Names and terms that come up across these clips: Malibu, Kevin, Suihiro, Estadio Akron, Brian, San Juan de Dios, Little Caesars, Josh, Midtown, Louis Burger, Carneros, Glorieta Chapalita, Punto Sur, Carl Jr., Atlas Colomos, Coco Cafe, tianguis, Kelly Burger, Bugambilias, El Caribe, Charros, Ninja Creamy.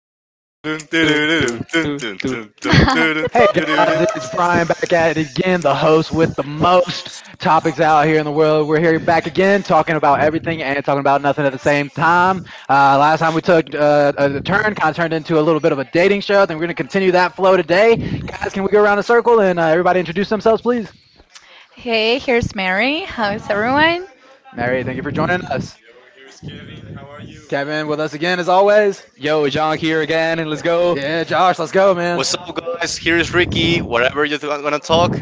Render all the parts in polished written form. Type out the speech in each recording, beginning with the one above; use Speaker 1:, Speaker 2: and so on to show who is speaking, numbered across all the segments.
Speaker 1: Do do do do
Speaker 2: tun,
Speaker 1: do
Speaker 2: tun, tun,
Speaker 1: do
Speaker 2: tun,
Speaker 1: do.
Speaker 2: turun,
Speaker 3: Hey
Speaker 2: tururun.
Speaker 3: guys, it's Brian back at it again, the host with the most topics out here in the world. We're here back again talking about everything and talking about nothing at the same time. Last time we took a turn, kind of turned into a little bit of a dating show. Then we're going to continue that flow today. Guys, can we go around the circle and everybody introduce themselves, please? All right, thank you for joining us. Kevin with us again as always.
Speaker 1: Yo, John here again, and let's go.
Speaker 3: Yeah, Josh, let's go, man.
Speaker 2: What's up, guys? Here is Ricky. Whatever you're gonna talk,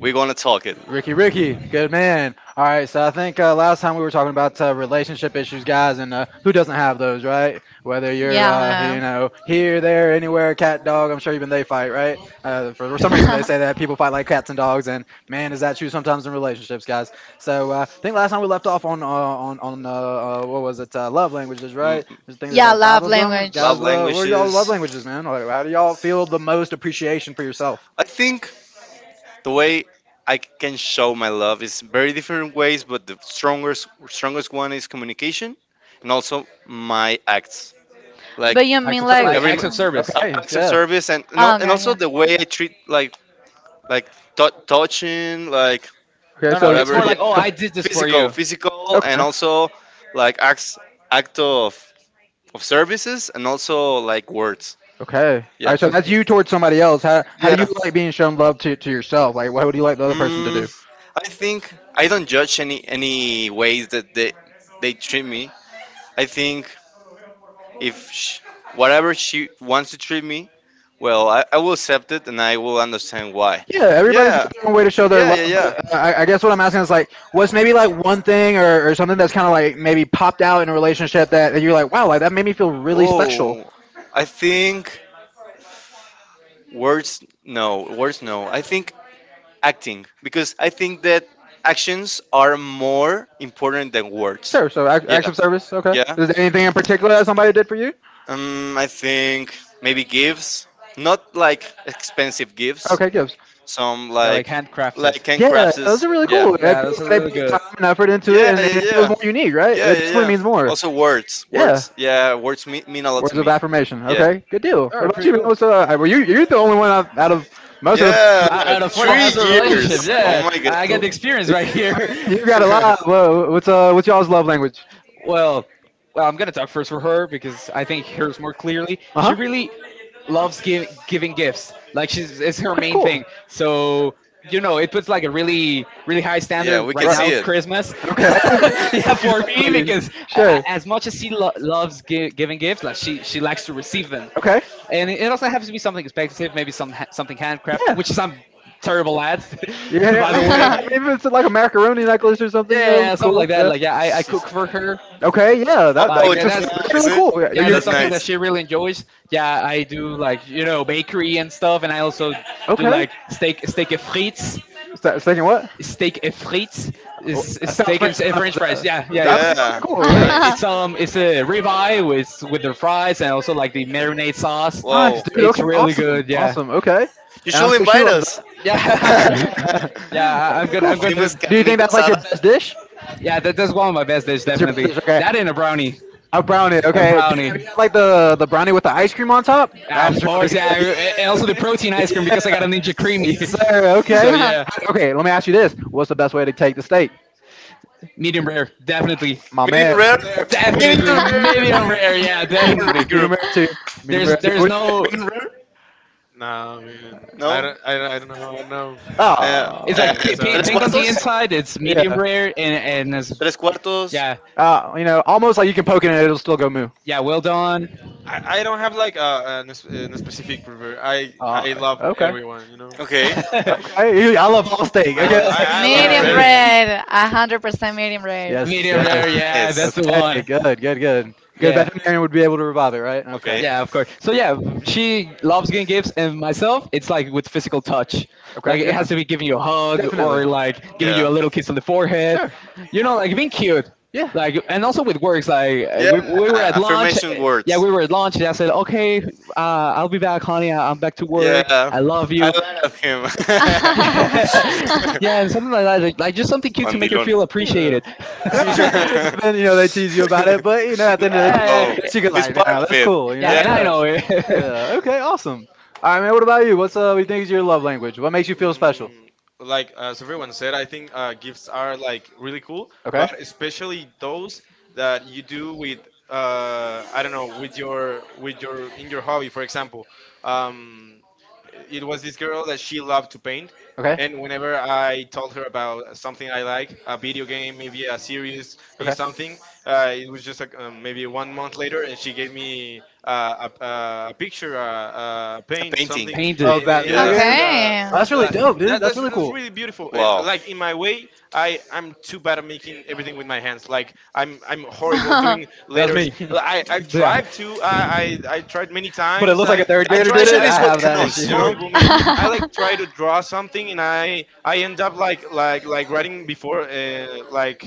Speaker 2: we're gonna talk it.
Speaker 3: Ricky, good man. All right, so I think last time we were talking about relationship issues, guys, and who doesn't have those, right? Whether you're, you know, here, there, anywhere, cat, dog. I'm sure even they fight, right? For some reason, they say that people fight like cats and dogs, and man, is that true sometimes in relationships, guys? So I think last time we left off on what was it? Love languages,
Speaker 2: Mm,
Speaker 3: right? I think there's like five of them,
Speaker 2: love
Speaker 3: guys. What are y'all love
Speaker 2: languages.
Speaker 3: languages, man? Like, how do y'all feel the most appreciation for yourself?
Speaker 2: I think the way I can show my love is very different ways, but the strongest one is communication, and also my acts. Like
Speaker 3: Acts of
Speaker 2: Like
Speaker 1: Like
Speaker 3: service.
Speaker 2: every
Speaker 1: acts of service.
Speaker 3: Okay,
Speaker 2: acts of
Speaker 3: yeah.
Speaker 2: service and also the way I treat like touching like.
Speaker 3: Okay,
Speaker 2: No,
Speaker 1: No, no,
Speaker 3: so the
Speaker 1: it's
Speaker 2: whatever.
Speaker 1: more
Speaker 2: Yeah,
Speaker 1: like, oh, I did this for
Speaker 2: physical,
Speaker 1: you.
Speaker 2: physical,
Speaker 3: physical.
Speaker 2: and
Speaker 3: Okay.
Speaker 2: also like acts, act of services, and also like words.
Speaker 3: Okay. All
Speaker 2: Yeah,
Speaker 3: right. So that's
Speaker 1: Okay.
Speaker 3: you towards somebody else. How
Speaker 2: yeah,
Speaker 3: do you like being shown love, to yourself? Like, what would you like the other person to do?
Speaker 2: mm, I think I don't judge any ways that they treat me. I think if sh whatever she wants to treat me well, I will accept it and I will understand why.
Speaker 3: Yeah, everybody's
Speaker 2: Yeah,
Speaker 3: got their own way to show their
Speaker 2: yeah,
Speaker 3: love.
Speaker 2: yeah, yeah.
Speaker 3: But I guess what I'm asking is like, what's maybe like one thing or something that's kind of like maybe popped out in a relationship that, that you're like, wow, like that made me feel really special.
Speaker 2: Oh, I think words. No, words. No, I think acting, because I think that actions are more important than words.
Speaker 3: Sure. So acts
Speaker 2: Yeah,
Speaker 3: of service. Okay.
Speaker 2: yeah.
Speaker 3: Is there anything in particular that somebody did for you?
Speaker 4: You?
Speaker 2: I think maybe gifts, not like expensive gifts.
Speaker 3: Okay, gifts.
Speaker 2: Some
Speaker 1: Yeah, like
Speaker 2: like like
Speaker 1: handcrafted.
Speaker 3: Yeah, those
Speaker 2: handcrafts.
Speaker 3: are really
Speaker 2: Yeah,
Speaker 3: cool. It
Speaker 1: Yeah,
Speaker 3: feels
Speaker 1: those
Speaker 3: like
Speaker 1: are
Speaker 3: they
Speaker 1: really
Speaker 3: put time
Speaker 1: good.
Speaker 3: and effort into it,
Speaker 2: yeah,
Speaker 3: and
Speaker 2: yeah,
Speaker 3: it feels
Speaker 2: yeah,
Speaker 3: more unique, right?
Speaker 2: yeah,
Speaker 3: It
Speaker 2: yeah,
Speaker 3: definitely
Speaker 2: yeah.
Speaker 3: means more.
Speaker 2: Also words,
Speaker 3: Yeah.
Speaker 2: words. Yeah, words mean a lot to
Speaker 3: Words of
Speaker 2: me.
Speaker 3: affirmation.
Speaker 2: Yeah,
Speaker 3: Okay, good deal.
Speaker 1: All
Speaker 3: What
Speaker 1: right,
Speaker 3: about
Speaker 1: pretty
Speaker 3: you, man?
Speaker 1: cool.
Speaker 3: What's, were you you're the only one out, out of most of us.
Speaker 2: yeah.
Speaker 1: I, and a four that
Speaker 2: Three
Speaker 1: has a
Speaker 3: You
Speaker 1: relationship.
Speaker 2: years.
Speaker 1: Yeah,
Speaker 2: Oh my god.
Speaker 1: I get the experience right here.
Speaker 3: got a lot. What's y'all's love language?
Speaker 1: well, well, I'm gonna talk first for her because I think hers more clearly.
Speaker 3: Uh
Speaker 1: She
Speaker 3: huh.
Speaker 1: really, loves giving gifts. Like she's it's her
Speaker 3: Quite
Speaker 1: main
Speaker 3: cool.
Speaker 1: thing. So it puts like a really high standard right
Speaker 3: Right.
Speaker 1: now Christmas.
Speaker 3: Okay.
Speaker 1: Yeah, for me
Speaker 3: Exactly.
Speaker 1: because
Speaker 3: Sure.
Speaker 1: as much as she loves giving gifts, like she likes to receive them,
Speaker 3: Okay.
Speaker 1: and it also has to be something
Speaker 3: Yeah.
Speaker 1: expensive, maybe something handcrafted, which is
Speaker 3: Yeah,
Speaker 1: some terrible at,
Speaker 3: yeah,
Speaker 1: by
Speaker 3: yeah,
Speaker 1: the
Speaker 3: yeah,
Speaker 1: way.
Speaker 3: maybe it's like a macaroni necklace or something,
Speaker 1: Yeah,
Speaker 3: you know,
Speaker 1: yeah,
Speaker 3: it'll
Speaker 1: yeah,
Speaker 3: look
Speaker 1: something
Speaker 3: cool.
Speaker 1: like that.
Speaker 3: Yeah.
Speaker 1: Like yeah, I cook for her.
Speaker 3: Okay, yeah,
Speaker 1: Like
Speaker 2: Oh,
Speaker 1: yeah, that's
Speaker 3: that's
Speaker 2: nice.
Speaker 3: really
Speaker 2: Eh?
Speaker 3: cool. Yeah, are
Speaker 2: Yeah,
Speaker 1: yeah,
Speaker 3: you
Speaker 1: that's something
Speaker 3: good?
Speaker 1: that she really enjoys. Yeah, I do like, bakery and stuff, and I also do
Speaker 3: Okay.
Speaker 1: like steak et frites.
Speaker 3: Steak and what?
Speaker 1: Steak et frites
Speaker 3: Oh,
Speaker 1: is
Speaker 3: that sounds
Speaker 1: steak
Speaker 3: French.
Speaker 1: and
Speaker 3: I don't
Speaker 1: french
Speaker 3: know
Speaker 1: fries. Yeah,
Speaker 3: what
Speaker 1: yeah.
Speaker 3: that- Okay, okay,
Speaker 1: it's
Speaker 2: yeah.
Speaker 3: cool.
Speaker 1: yeah it, it's um
Speaker 3: Yeah.
Speaker 1: it's a ribeye with the fries and also like the marinade sauce.
Speaker 3: Nice,
Speaker 2: Wow,
Speaker 3: dude.
Speaker 1: It's
Speaker 3: Okay,
Speaker 1: really good.
Speaker 3: awesome,
Speaker 1: Yeah,
Speaker 3: awesome. Okay,
Speaker 2: you
Speaker 3: and I'm
Speaker 2: should
Speaker 3: sure she
Speaker 2: invite
Speaker 3: loves
Speaker 2: us.
Speaker 1: yeah.
Speaker 3: that.
Speaker 1: Yeah,
Speaker 3: Okay, cool.
Speaker 1: I'm going to.
Speaker 2: Famous
Speaker 3: Do you think
Speaker 2: carnita.
Speaker 3: that's like your best dish?
Speaker 1: Yeah, that's one of my best dishes,
Speaker 3: That's your best
Speaker 1: definitely.
Speaker 3: dish. Okay.
Speaker 1: That and a brownie,
Speaker 3: A brownie.
Speaker 1: a
Speaker 3: Okay. Dude,
Speaker 1: brownie.
Speaker 3: you like the brownie with the ice cream on top.
Speaker 1: Ah, of
Speaker 3: That's really
Speaker 1: course, yeah,
Speaker 3: good.
Speaker 1: and also the protein ice cream because I got a
Speaker 3: Yeah.
Speaker 1: Ninja Creamy.
Speaker 3: Yes, sir.
Speaker 1: So
Speaker 3: Okay.
Speaker 1: yeah,
Speaker 3: Okay. Let me ask you this: what's the best way to take the steak?
Speaker 1: medium rare, definitely.
Speaker 3: My man.
Speaker 2: Medium rare. Medium
Speaker 1: Definitely medium rare.
Speaker 2: rare.
Speaker 1: Yeah,
Speaker 2: Medium
Speaker 3: Team,
Speaker 2: rare
Speaker 1: definitely.
Speaker 3: medium
Speaker 2: group.
Speaker 3: rare team, medium
Speaker 1: There's
Speaker 3: rare team.
Speaker 1: there's
Speaker 3: What do
Speaker 1: no.
Speaker 3: you
Speaker 2: Medium
Speaker 3: think?
Speaker 2: rare.
Speaker 4: Nah, don't. I,
Speaker 2: No.
Speaker 4: I don't know. I don't know.
Speaker 2: Uh,
Speaker 1: It's
Speaker 2: uh,
Speaker 3: Ah,
Speaker 1: like
Speaker 3: okay.
Speaker 1: pink,
Speaker 3: No,
Speaker 2: tres
Speaker 1: pink on the
Speaker 2: cuartos.
Speaker 1: inside.
Speaker 3: it's
Speaker 1: It's
Speaker 3: okay.
Speaker 1: medium
Speaker 3: Yeah.
Speaker 1: rare, and
Speaker 2: Tres cuartos.
Speaker 1: yeah,
Speaker 3: You know, almost like you can poke it and it'll still go moo.
Speaker 1: yeah, well done.
Speaker 4: Like, in this specific.
Speaker 1: Uh,
Speaker 3: Okay.
Speaker 2: Okay.
Speaker 1: all
Speaker 3: Okay, I love all steak.
Speaker 4: I
Speaker 3: Okay.
Speaker 4: love I, I love
Speaker 2: Medium rare.
Speaker 1: right.
Speaker 4: singing.
Speaker 3: Yes,
Speaker 1: Medium rare,
Speaker 3: yes.
Speaker 1: yeah,
Speaker 2: Nice.
Speaker 1: that's the
Speaker 3: Okay,
Speaker 1: one.
Speaker 3: good, good, good. Good
Speaker 1: Yeah.
Speaker 3: veterinarian would be able to revive it, right? Okay.
Speaker 2: Okay.
Speaker 1: Yeah,
Speaker 2: Yeah.
Speaker 1: of course. So yeah, she loves getting gifts, and myself, it's like with physical touch. Like
Speaker 3: Okay,
Speaker 1: it has
Speaker 3: yeah.
Speaker 1: to be giving you a hug
Speaker 3: Definitely.
Speaker 1: or like giving you a little kiss on the forehead.
Speaker 3: Sure.
Speaker 1: You know, like being cute.
Speaker 3: Yeah.
Speaker 1: Like, and also with works, like,
Speaker 2: Yeah.
Speaker 1: we were at lunch.
Speaker 2: Affirmation words.
Speaker 1: Yeah, we were at lunch, and I said, "Okay, I'll be back, honey. I'm back to
Speaker 2: Yeah.
Speaker 1: work. I
Speaker 2: I
Speaker 1: love you."
Speaker 2: love him.
Speaker 1: Yeah, yeah, and something like that. Like, just something cute to make her
Speaker 2: Mandilón.
Speaker 1: feel
Speaker 3: Yeah.
Speaker 1: appreciated.
Speaker 3: And I'm sure your friends have been, you know, they tease you about it, but you know, at the end of the
Speaker 1: Yeah,
Speaker 3: day,
Speaker 2: No,
Speaker 3: she goes
Speaker 2: it's
Speaker 3: like,
Speaker 2: part
Speaker 3: "Nah,
Speaker 2: of
Speaker 3: that's
Speaker 2: it.
Speaker 1: yeah,
Speaker 3: cool," you
Speaker 1: yeah,
Speaker 3: know.
Speaker 2: Yeah,
Speaker 1: and I
Speaker 3: Yeah.
Speaker 1: know
Speaker 3: Yeah.
Speaker 1: it.
Speaker 3: Okay. Awesome. All right, man. What about you? What's uh? What do you think is your love language? What makes you feel special?
Speaker 4: Mm, like as everyone said, I think gifts are like really cool,
Speaker 3: Okay.
Speaker 4: but especially those that you do with I don't know, with your in your hobby. For example, um, it was this girl that she loved to paint,
Speaker 3: Okay.
Speaker 4: and whenever I told her about something I like, a video game, maybe a series, maybe
Speaker 3: Okay.
Speaker 4: something. It was just like, maybe one month later, and she gave me a picture, a
Speaker 2: a
Speaker 4: paint,
Speaker 2: painting.
Speaker 4: something.
Speaker 1: Painted.
Speaker 3: Of
Speaker 4: And
Speaker 3: that
Speaker 4: it
Speaker 3: video
Speaker 2: Yeah,
Speaker 4: was
Speaker 3: game? Oh, that's really
Speaker 4: like,
Speaker 3: dope, dude.
Speaker 4: that,
Speaker 3: That's really
Speaker 4: that's
Speaker 3: cool.
Speaker 4: really beautiful. And
Speaker 2: wow.
Speaker 4: like, in my way, I'm too bad at making everything with my hands. Like, I'm horrible doing
Speaker 3: That was
Speaker 4: letters.
Speaker 3: me.
Speaker 4: I I
Speaker 1: Yeah.
Speaker 4: tried to. I tried many
Speaker 3: But it
Speaker 4: times.
Speaker 3: looks
Speaker 4: I
Speaker 3: like a third
Speaker 4: I
Speaker 2: The
Speaker 3: grader did
Speaker 4: tried.
Speaker 2: intention
Speaker 3: it.
Speaker 4: I
Speaker 3: I
Speaker 2: is what
Speaker 3: have
Speaker 4: it
Speaker 3: that
Speaker 4: looks
Speaker 2: counts, you
Speaker 3: issue.
Speaker 2: know?
Speaker 4: horrible, man. I like try to draw something, and I end up like like writing before, like,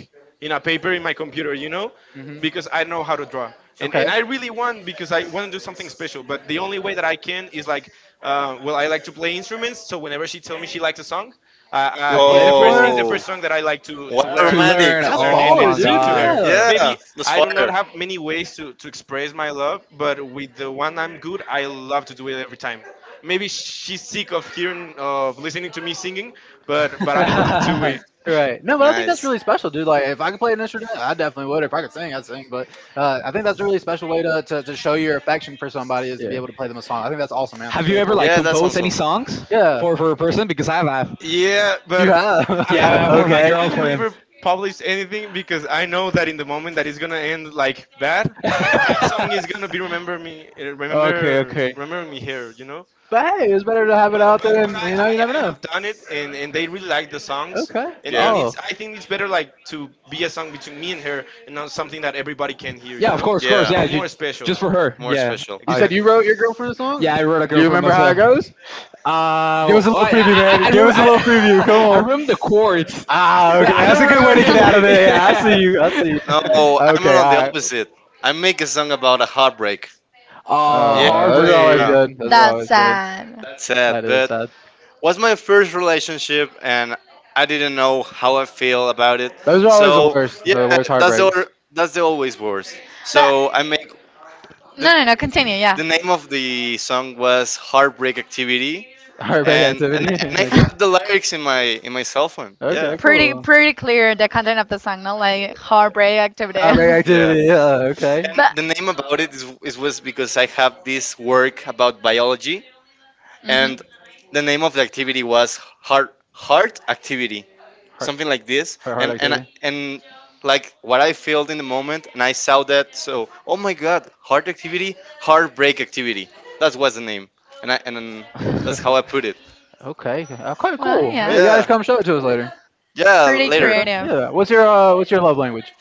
Speaker 4: in a paper in my computer,
Speaker 3: Hmm.
Speaker 4: because I know how to draw. And,
Speaker 3: Okay.
Speaker 4: and I really want, because I want to do something special, but the only way that I can is well, I like to play instruments, so whenever she tells me she likes a song,
Speaker 3: You'll play for her?
Speaker 4: it's the
Speaker 2: Oh,
Speaker 4: first song that I like to to
Speaker 2: what a
Speaker 1: To
Speaker 4: learn
Speaker 2: romantic.
Speaker 1: learn.
Speaker 4: to
Speaker 3: That's
Speaker 4: learn
Speaker 1: Oh
Speaker 4: and,
Speaker 3: baller,
Speaker 4: and
Speaker 1: my
Speaker 4: sing
Speaker 3: dude.
Speaker 4: to her.
Speaker 1: god.
Speaker 3: Yeah.
Speaker 2: Yeah,
Speaker 4: Maybe
Speaker 2: that's
Speaker 4: I do not
Speaker 2: fire.
Speaker 4: have many ways to express my love, but with the one I'm good, I love to do it every time. Maybe she's sick of hearing, of listening to me singing, but I love to it.
Speaker 3: Right. No, but I think that's
Speaker 2: Nice.
Speaker 3: really special, dude. Like, if I could play an instrument, I definitely would. If I could sing, I'd sing. But I think that's a really special way to, to show your affection for somebody is to be able to play them a song. I think that's awesome, man. That's
Speaker 1: Have you
Speaker 3: really
Speaker 1: ever
Speaker 3: cool.
Speaker 1: like
Speaker 2: Yeah, that
Speaker 1: composed
Speaker 2: sounds fun.
Speaker 1: any songs
Speaker 3: Yeah.
Speaker 1: for a person? Because I have.
Speaker 4: Yeah,
Speaker 3: You
Speaker 4: but
Speaker 3: have.
Speaker 4: I,
Speaker 1: Yeah, for my
Speaker 3: Okay.
Speaker 4: I
Speaker 1: girlfriend.
Speaker 4: never publish anything, because I know that in the moment that it's gonna end like bad, song is gonna be remember me, remember
Speaker 1: Okay.
Speaker 4: remember me here.
Speaker 3: But hey, it's better to have it
Speaker 4: I've
Speaker 3: out there, and you know, you never know.
Speaker 4: done it, and they really like the songs,
Speaker 3: Okay.
Speaker 4: and
Speaker 2: Yeah,
Speaker 1: Oh.
Speaker 4: it's I think it's better like to be a song between me and her, and not something that everybody can hear.
Speaker 1: Yeah, of course, of course.
Speaker 4: It's
Speaker 2: yeah.
Speaker 1: Yeah,
Speaker 4: like more special.
Speaker 1: just for
Speaker 2: Yeah,
Speaker 1: her.
Speaker 2: more. Yeah,
Speaker 1: Yeah,
Speaker 2: special.
Speaker 3: You
Speaker 1: I.
Speaker 3: said
Speaker 4: Exactly.
Speaker 3: you wrote your girlfriend a song?
Speaker 1: Yeah,
Speaker 3: Yeah,
Speaker 4: Yes.
Speaker 3: I
Speaker 1: I wrote
Speaker 3: wrote
Speaker 1: a
Speaker 3: a. Do
Speaker 1: girl
Speaker 3: you
Speaker 1: for
Speaker 3: remember how it
Speaker 1: myself.
Speaker 3: goes? Give us a
Speaker 1: Well,
Speaker 3: little preview, man. Give
Speaker 1: remember,
Speaker 3: us a little preview. Come
Speaker 1: I
Speaker 3: on.
Speaker 1: remember the chords.
Speaker 3: Ah, okay.
Speaker 1: I
Speaker 3: That's a
Speaker 1: don't
Speaker 3: good way to get out of it.
Speaker 1: remember.
Speaker 3: Yeah, I see you. I see you.
Speaker 1: Yeah.
Speaker 2: No, I'm
Speaker 3: Okay,
Speaker 2: on the
Speaker 3: all right.
Speaker 2: opposite. I make a song about a heartbreak.
Speaker 1: Oh,
Speaker 3: Those are always
Speaker 1: heartbreak.
Speaker 2: Yeah,
Speaker 3: good.
Speaker 4: you-
Speaker 3: Those are always good.
Speaker 2: that's sad.
Speaker 3: That is
Speaker 2: But
Speaker 3: sad.
Speaker 2: was my first relationship, and I didn't know how I feel about it.
Speaker 3: Those are always the
Speaker 2: So
Speaker 3: worst.
Speaker 2: yeah,
Speaker 3: They're the worst
Speaker 2: that's the
Speaker 3: heartbreaks.
Speaker 2: or- that's the always worst. So I make the, the name of the song was Heartbreak Activity,
Speaker 3: Heartbreak activity.
Speaker 2: and I
Speaker 3: Okay.
Speaker 2: have the lyrics in my cell phone. Yeah.
Speaker 3: Okay. Cool. Our main
Speaker 2: Yeah.
Speaker 3: activity. Yeah. Okay.
Speaker 2: And the name about it is was because I have this work about biology, and the name of the activity was heart activity.
Speaker 3: Heart,
Speaker 2: Something like this.
Speaker 3: Heart
Speaker 2: And and I-
Speaker 3: activity.
Speaker 2: and like what I felt in the moment, and I saw that, so oh my god, heart activity, heartbreak activity. That was the name. And that's how I put it.
Speaker 3: Okay. Quite cool. Yeah, you guys
Speaker 2: Yeah.
Speaker 3: come show it to us later.
Speaker 2: Yeah, later.
Speaker 3: Okay. Yeah. What's your what's your love language?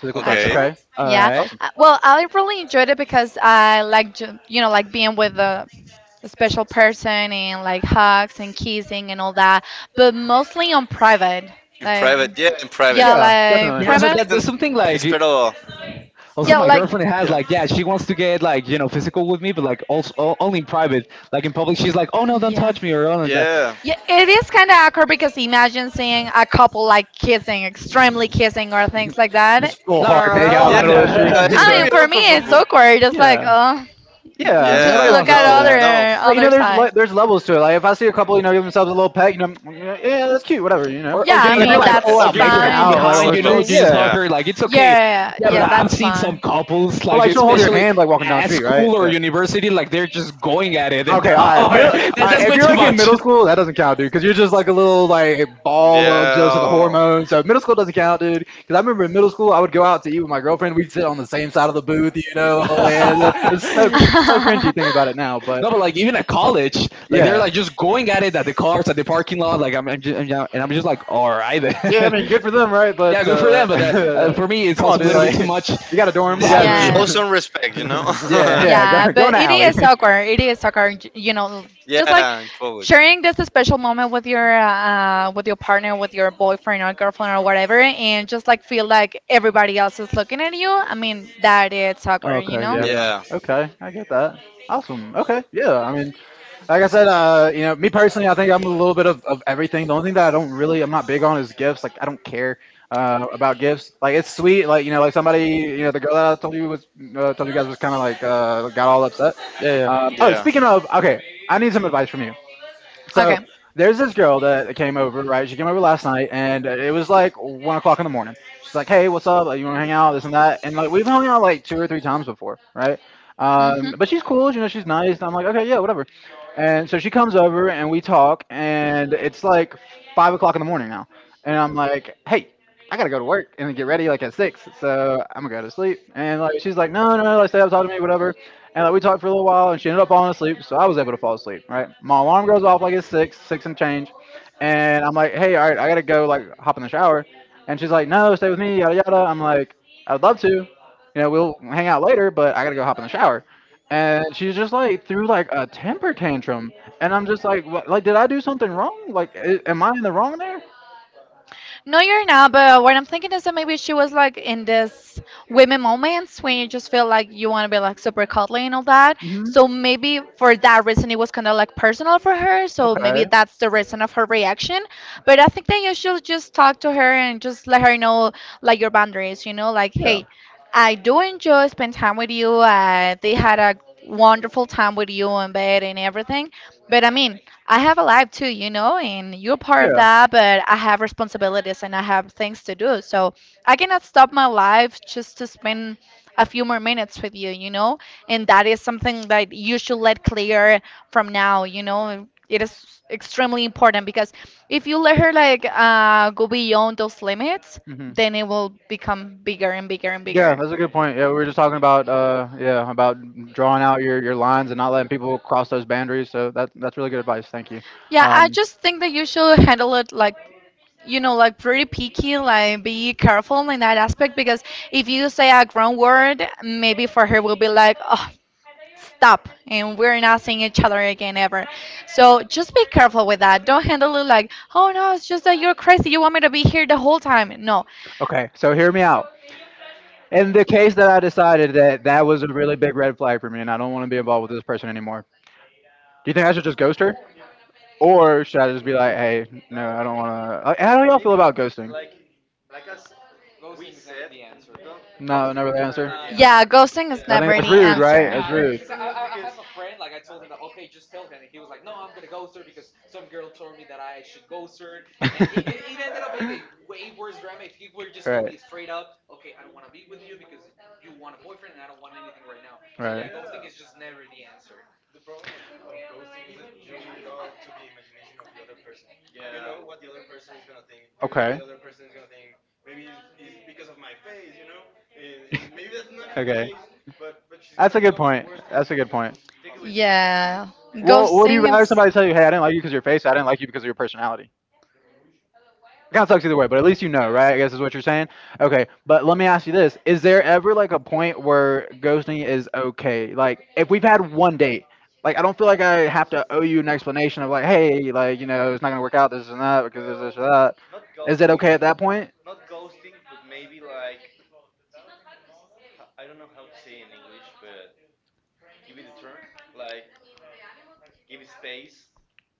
Speaker 3: Physical touch.
Speaker 2: Okay.
Speaker 3: Okay.
Speaker 1: All right.
Speaker 2: In private. Yeah, in private.
Speaker 3: Yeah. Definitely.
Speaker 1: Yeah, that, that
Speaker 2: Then
Speaker 1: that's something like.
Speaker 2: Espero.
Speaker 1: Also,
Speaker 2: No.
Speaker 1: my girlfriend has,
Speaker 2: Yeah.
Speaker 1: like, yeah, she wants to get, like, physical with me, but, like, also only in private. Like in public, she's like, oh no, don't touch me, or oh, like that.
Speaker 2: Yeah.
Speaker 1: No,
Speaker 3: Full
Speaker 1: no, no,
Speaker 3: hard
Speaker 1: no,
Speaker 3: make out
Speaker 1: not
Speaker 3: in the
Speaker 2: Yeah.
Speaker 1: like
Speaker 3: middle of the street.
Speaker 2: It's
Speaker 1: that.
Speaker 3: Yeah.
Speaker 2: very uncomfortable.
Speaker 3: Yeah. Yeah, I mean, nobody
Speaker 2: Yeah.
Speaker 3: wants to see
Speaker 2: No.
Speaker 3: that.
Speaker 2: No.
Speaker 3: But you know, there's levels to it. Like if I see a couple, you know, give themselves a little pet, you know, yeah, yeah, that's cute, whatever, you know.
Speaker 1: Or,
Speaker 3: But
Speaker 1: getting
Speaker 3: if you're
Speaker 1: hugged
Speaker 3: like
Speaker 1: fr
Speaker 2: Uh,
Speaker 3: full
Speaker 1: or
Speaker 3: out
Speaker 1: getting
Speaker 3: making
Speaker 2: there,
Speaker 1: hugged from
Speaker 3: out like on
Speaker 2: there's
Speaker 1: behind.
Speaker 3: the
Speaker 1: You know,
Speaker 3: street,
Speaker 1: you
Speaker 2: levels.
Speaker 1: just
Speaker 3: yeah.
Speaker 1: hug
Speaker 2: Yeah.
Speaker 1: her. Like it's okay. Yeah, but I've seen some couples,
Speaker 3: But
Speaker 1: like
Speaker 3: like she'll hold your
Speaker 1: especially
Speaker 3: hand like walking down the
Speaker 1: at
Speaker 3: street, right?
Speaker 1: school or
Speaker 3: Yeah.
Speaker 1: university, like they're just going at it, and
Speaker 3: Okay, all right. Middle, all right.
Speaker 1: that's
Speaker 3: If
Speaker 1: way
Speaker 3: you're
Speaker 1: too
Speaker 3: like in
Speaker 1: much.
Speaker 3: middle school, that doesn't count, dude, because you're just like a little like ball of just the
Speaker 2: Yeah.
Speaker 3: hormones. So middle school doesn't count, dude. Because I remember in middle school, I would go out to eat with my girlfriend. We'd sit on the same side of the booth, you know. And it's so, it's so cringy thing about it now, but
Speaker 1: No, but like even at college, like they're
Speaker 3: yeah.
Speaker 1: like just going at it at the cars at the parking lot. Like and I'm just like, all right then.
Speaker 3: Yeah, I mean, good for them, right?
Speaker 1: Yeah,
Speaker 3: But
Speaker 1: good for them. But that,
Speaker 3: come
Speaker 1: for me, it's
Speaker 3: on,
Speaker 1: also a
Speaker 3: dude.
Speaker 1: little bit
Speaker 3: Like,
Speaker 1: too much.
Speaker 3: you got a dorm, you got
Speaker 1: Dad.
Speaker 3: room.
Speaker 2: Show some respect, you know.
Speaker 1: Yeah.
Speaker 3: Yeah, go, go in the alley.
Speaker 2: Yeah, in public.
Speaker 1: Okay. Yeah.
Speaker 3: Yeah.
Speaker 2: Yeah,
Speaker 3: Okay, I get that. Awesome. Okay. Yeah. I mean, like I said, you know, me personally, I think I'm a little bit of everything. The only thing that I don't really, I'm not big on is gifts. Like I don't care about gifts. Like it's sweet. Like you know, like somebody, you know, the girl that I told you was told you guys was kind of like got all upset.
Speaker 1: Yeah. Yeah.
Speaker 3: Oh,
Speaker 2: yeah.
Speaker 3: speaking of, okay, I need some advice from you. So there's this girl that came over, right? She came over last night, and it was like 1 o'clock in the morning. She's like, "Hey, what's up? Like, you want to hang out? This and that." And like we've hung out like two or three times before, right? But she's cool, you know. She's nice, and I'm like, "Okay, yeah, whatever." And so she comes over, and we talk, and it's like 5 o'clock in the morning now, and I'm like, "Hey, I gotta go to work and get ready like at six, so I'm gonna go to sleep." And like she's like, no, no, no, like stay up, talk to me, whatever. And like we talked for a little while, and she ended up falling asleep, so I was able to fall asleep. Right, my alarm goes off like it's six, six and change, and I'm like, hey, all right, I gotta go, like hop in the shower, and she's like, no, stay with me, yada yada. I'm like, I'd love to, you know, we'll hang out later, but I gotta go hop in the shower and she's just like threw like a temper tantrum, and I'm just like, what, like did I do something wrong? Like, am I in the wrong there? Hmm. Okay. Yeah.
Speaker 2: Hey.
Speaker 1: But I gotta eat.
Speaker 3: Yeah. Hmm.
Speaker 2: Yeah, bigger
Speaker 3: Yeah,
Speaker 2: and
Speaker 3: that's a
Speaker 2: bigger,
Speaker 3: good
Speaker 2: and
Speaker 3: point. Yeah, we
Speaker 2: become
Speaker 3: were just
Speaker 2: and
Speaker 3: talking
Speaker 2: became a
Speaker 3: about
Speaker 2: problem. Yeah,
Speaker 3: yeah, about drawing out your lines and not letting people cross those boundaries. So that that's really good advice. Thank you.
Speaker 2: yeah.
Speaker 3: Um, okay, so hear me out. In the case that I decided that that was a really big red flag for me, and I don't want to be involved with this person anymore, do you think I should just ghost her, or should I just be like, "Hey, no,
Speaker 2: No,
Speaker 3: I don't want to." Like, how do y'all feel
Speaker 2: maybe
Speaker 3: about ghosting?
Speaker 2: like as we
Speaker 1: Ghosting is never
Speaker 2: said,
Speaker 1: the answer.
Speaker 2: don't,
Speaker 3: No,
Speaker 2: ghosting
Speaker 3: never
Speaker 2: is
Speaker 3: the answer.
Speaker 2: never
Speaker 1: La,
Speaker 2: the
Speaker 1: nah, nah.
Speaker 2: answer. Yeah,
Speaker 3: I think
Speaker 1: Yeah,
Speaker 3: that's rude, right? That's
Speaker 2: yeah,
Speaker 3: rude.
Speaker 1: because
Speaker 2: it's
Speaker 1: I,
Speaker 2: rude
Speaker 1: I I have
Speaker 2: because
Speaker 1: a friend. Like I told him, okay, just tell him. And he was like, no, I'm gonna ghost her because some girl told me that I should ghost her, and it ended up being a way worse drama. If he were just told me
Speaker 3: Right.
Speaker 1: straight up, okay, I don't want to be with you because you want a boyfriend, and I don't want anything right now. So yeah,
Speaker 3: Right.
Speaker 1: ghosting
Speaker 2: yeah,
Speaker 1: is just never the answer.
Speaker 4: The problem of ghosting is that you leave it all to the imagination of the other person. You know
Speaker 2: yeah.
Speaker 4: what the other person is gonna think. You,
Speaker 3: Okay.
Speaker 4: the other person is gonna think maybe it's because of my face, and maybe that's not even the
Speaker 3: Okay.
Speaker 4: case. But she's gonna
Speaker 3: That's a
Speaker 4: think
Speaker 3: good
Speaker 4: of the
Speaker 3: point.
Speaker 4: worst
Speaker 3: That's a good
Speaker 4: scenarios
Speaker 3: point.
Speaker 2: Take it with
Speaker 4: possible.
Speaker 2: empathy
Speaker 3: Well,
Speaker 2: and
Speaker 3: would you rather
Speaker 2: respect.
Speaker 3: somebody tell you, "Hey, I didn't like you because of your face. I didn't like you because of your personality"? Kind of sucks either way, but at least you know,
Speaker 2: Yeah.
Speaker 3: right? I guess is what you're saying. Okay, but let me ask you this: Is there ever like a point where ghosting is okay? Like, if we've had one date, like I don't feel like I have to owe you an explanation of like, hey, like you know, it's not gonna work out, this and that, because this,
Speaker 2: Well,
Speaker 3: or that.
Speaker 2: not
Speaker 3: Is it okay
Speaker 2: ghosting,
Speaker 3: at that point?
Speaker 2: not ghosting, but maybe like, I don't know how to say in English, but give it a turn, like give it space,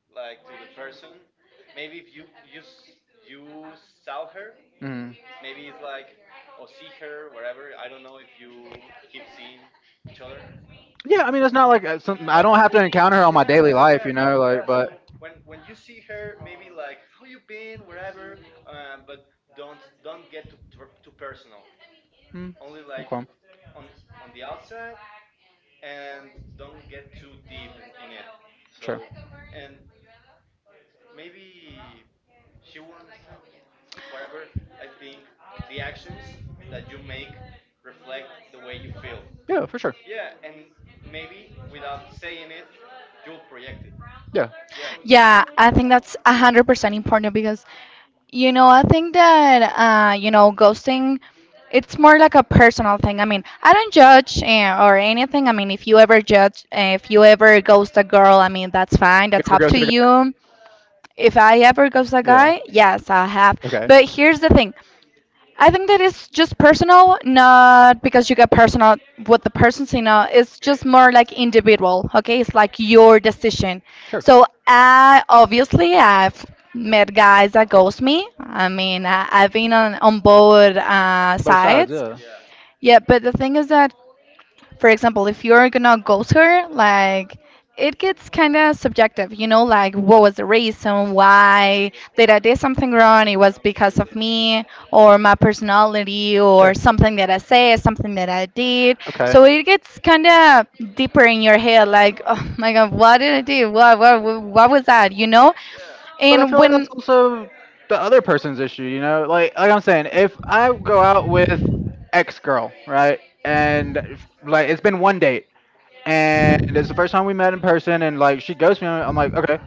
Speaker 2: like to the person. Maybe if you saw her,
Speaker 3: Mm.
Speaker 2: maybe it's like, or see her wherever. I don't know, if you keep seeing each other.
Speaker 3: Yeah, I mean, it's not like something I don't
Speaker 2: Yeah,
Speaker 3: have to
Speaker 2: but
Speaker 3: encounter her on my daily
Speaker 2: yeah,
Speaker 3: life,
Speaker 2: yeah, yeah,
Speaker 3: like,
Speaker 2: so
Speaker 3: but
Speaker 2: when you see her, maybe like how you been, wherever. Uh, but don't get too personal,
Speaker 3: mm,
Speaker 2: only like
Speaker 3: okay,
Speaker 2: on on the outside, and don't get too deep in it.
Speaker 3: sure,
Speaker 2: So, and maybe she will understand. Whatever, I think the actions that you make reflect the way you feel.
Speaker 3: yeah, for sure,
Speaker 2: Yeah, and maybe without saying it, you'll project it.
Speaker 3: yeah.
Speaker 2: Yeah.
Speaker 3: You ever go to the guy? Okay.
Speaker 2: Okay.
Speaker 3: Sure. Both sides, yeah.
Speaker 2: Yeah. Those viewers.
Speaker 3: Sure. Okay.
Speaker 2: Yeah.
Speaker 3: But I feel like that's also the other person's issue, you know? Like I'm saying, if I go out with X girl, right? And like it's been one date and it's the first time we met in person and like she ghosts me, I'm like, okay,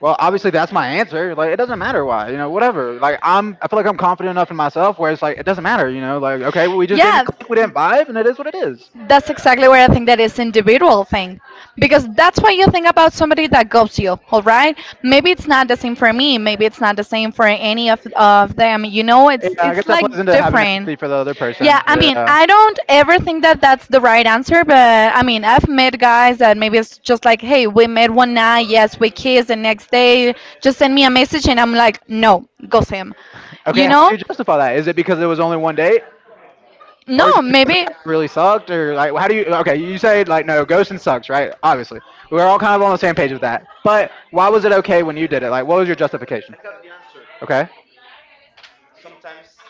Speaker 3: well,
Speaker 2: Well,
Speaker 3: obviously that's my answer. Like it doesn't matter why, whatever. Like I feel like I'm confident enough in myself where it's like it doesn't matter, like okay, we just didn't click, we didn't vibe and it is what it is.
Speaker 2: yeah.
Speaker 3: Yeah, I guess that plays into having empathy for the other
Speaker 1: Yeah,
Speaker 3: person.
Speaker 1: yeah. I, I think I
Speaker 3: Yeah.
Speaker 1: think it's like that.
Speaker 3: Okay, how do you justify that? Is it because it was only one date, or just because the guy really sucked, or like how do you? Okay, you say like no, ghosting sucks, right? Obviously, we're all kind of on the same page with that.
Speaker 2: I,
Speaker 3: But why was it okay when you did it? Like, what
Speaker 2: I,
Speaker 3: was your justification?
Speaker 2: I have the answer.
Speaker 3: Okay.
Speaker 2: Sometimes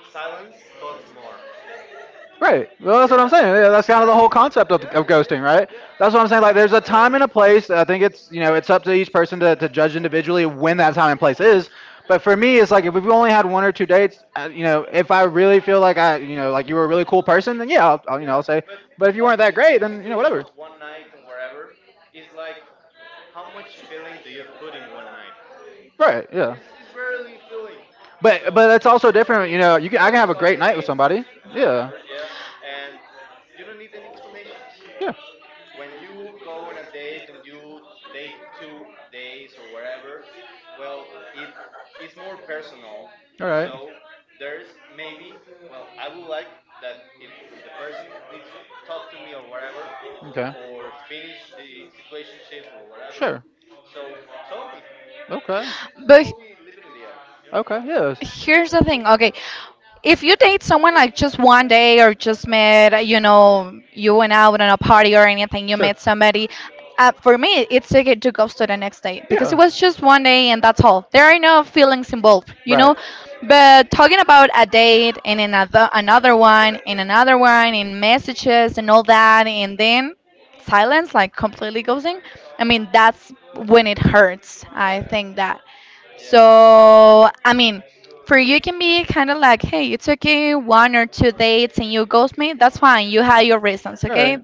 Speaker 2: silence talks more.
Speaker 3: Right. Well, that's what I'm
Speaker 2: Yeah,
Speaker 3: saying. Yeah, that's kind of the whole
Speaker 2: yes,
Speaker 3: concept of,
Speaker 2: yeah,
Speaker 3: of
Speaker 2: yeah,
Speaker 3: ghosting,
Speaker 2: yeah,
Speaker 3: right?
Speaker 2: yeah,
Speaker 3: That's what I'm saying. Like, there's a time and a place. I think it's you know it's up to each person to judge individually when that time and place is.
Speaker 2: but
Speaker 3: But for me, it's like if we've only had one or two dates, if I really feel like I, like you were a really cool person, then yeah, I'll, I'll you know
Speaker 2: yeah,
Speaker 3: I'll say.
Speaker 2: but
Speaker 3: But if you
Speaker 2: like
Speaker 3: weren't that
Speaker 2: in
Speaker 3: great,
Speaker 2: the
Speaker 3: then
Speaker 2: situation
Speaker 3: whatever.
Speaker 2: of one night and wherever, it's like, how much feeling do you put in one night?
Speaker 3: Right.
Speaker 2: It's barely feeling,
Speaker 3: But So
Speaker 2: so
Speaker 3: that's also
Speaker 2: it's
Speaker 3: different. You know,
Speaker 2: only
Speaker 3: you can I.
Speaker 2: satisfy your needs and
Speaker 3: Yeah.
Speaker 2: whatever, yeah, and you don't need any explanations.
Speaker 3: Yeah.
Speaker 2: When you go on a date and you date 2 days or whatever, well, it is more personal. So there's maybe, well, I would like that if the person needs to talk to me or whatever,
Speaker 3: Okay.
Speaker 2: or finish the situationship or whatever. So tell me, you
Speaker 3: Okay.
Speaker 2: you don't only live it in the air, you
Speaker 3: Yep.
Speaker 2: know?
Speaker 3: Okay, yes. Sure. Yeah. Right.
Speaker 2: Yeah, yeah. Yeah.
Speaker 3: Right.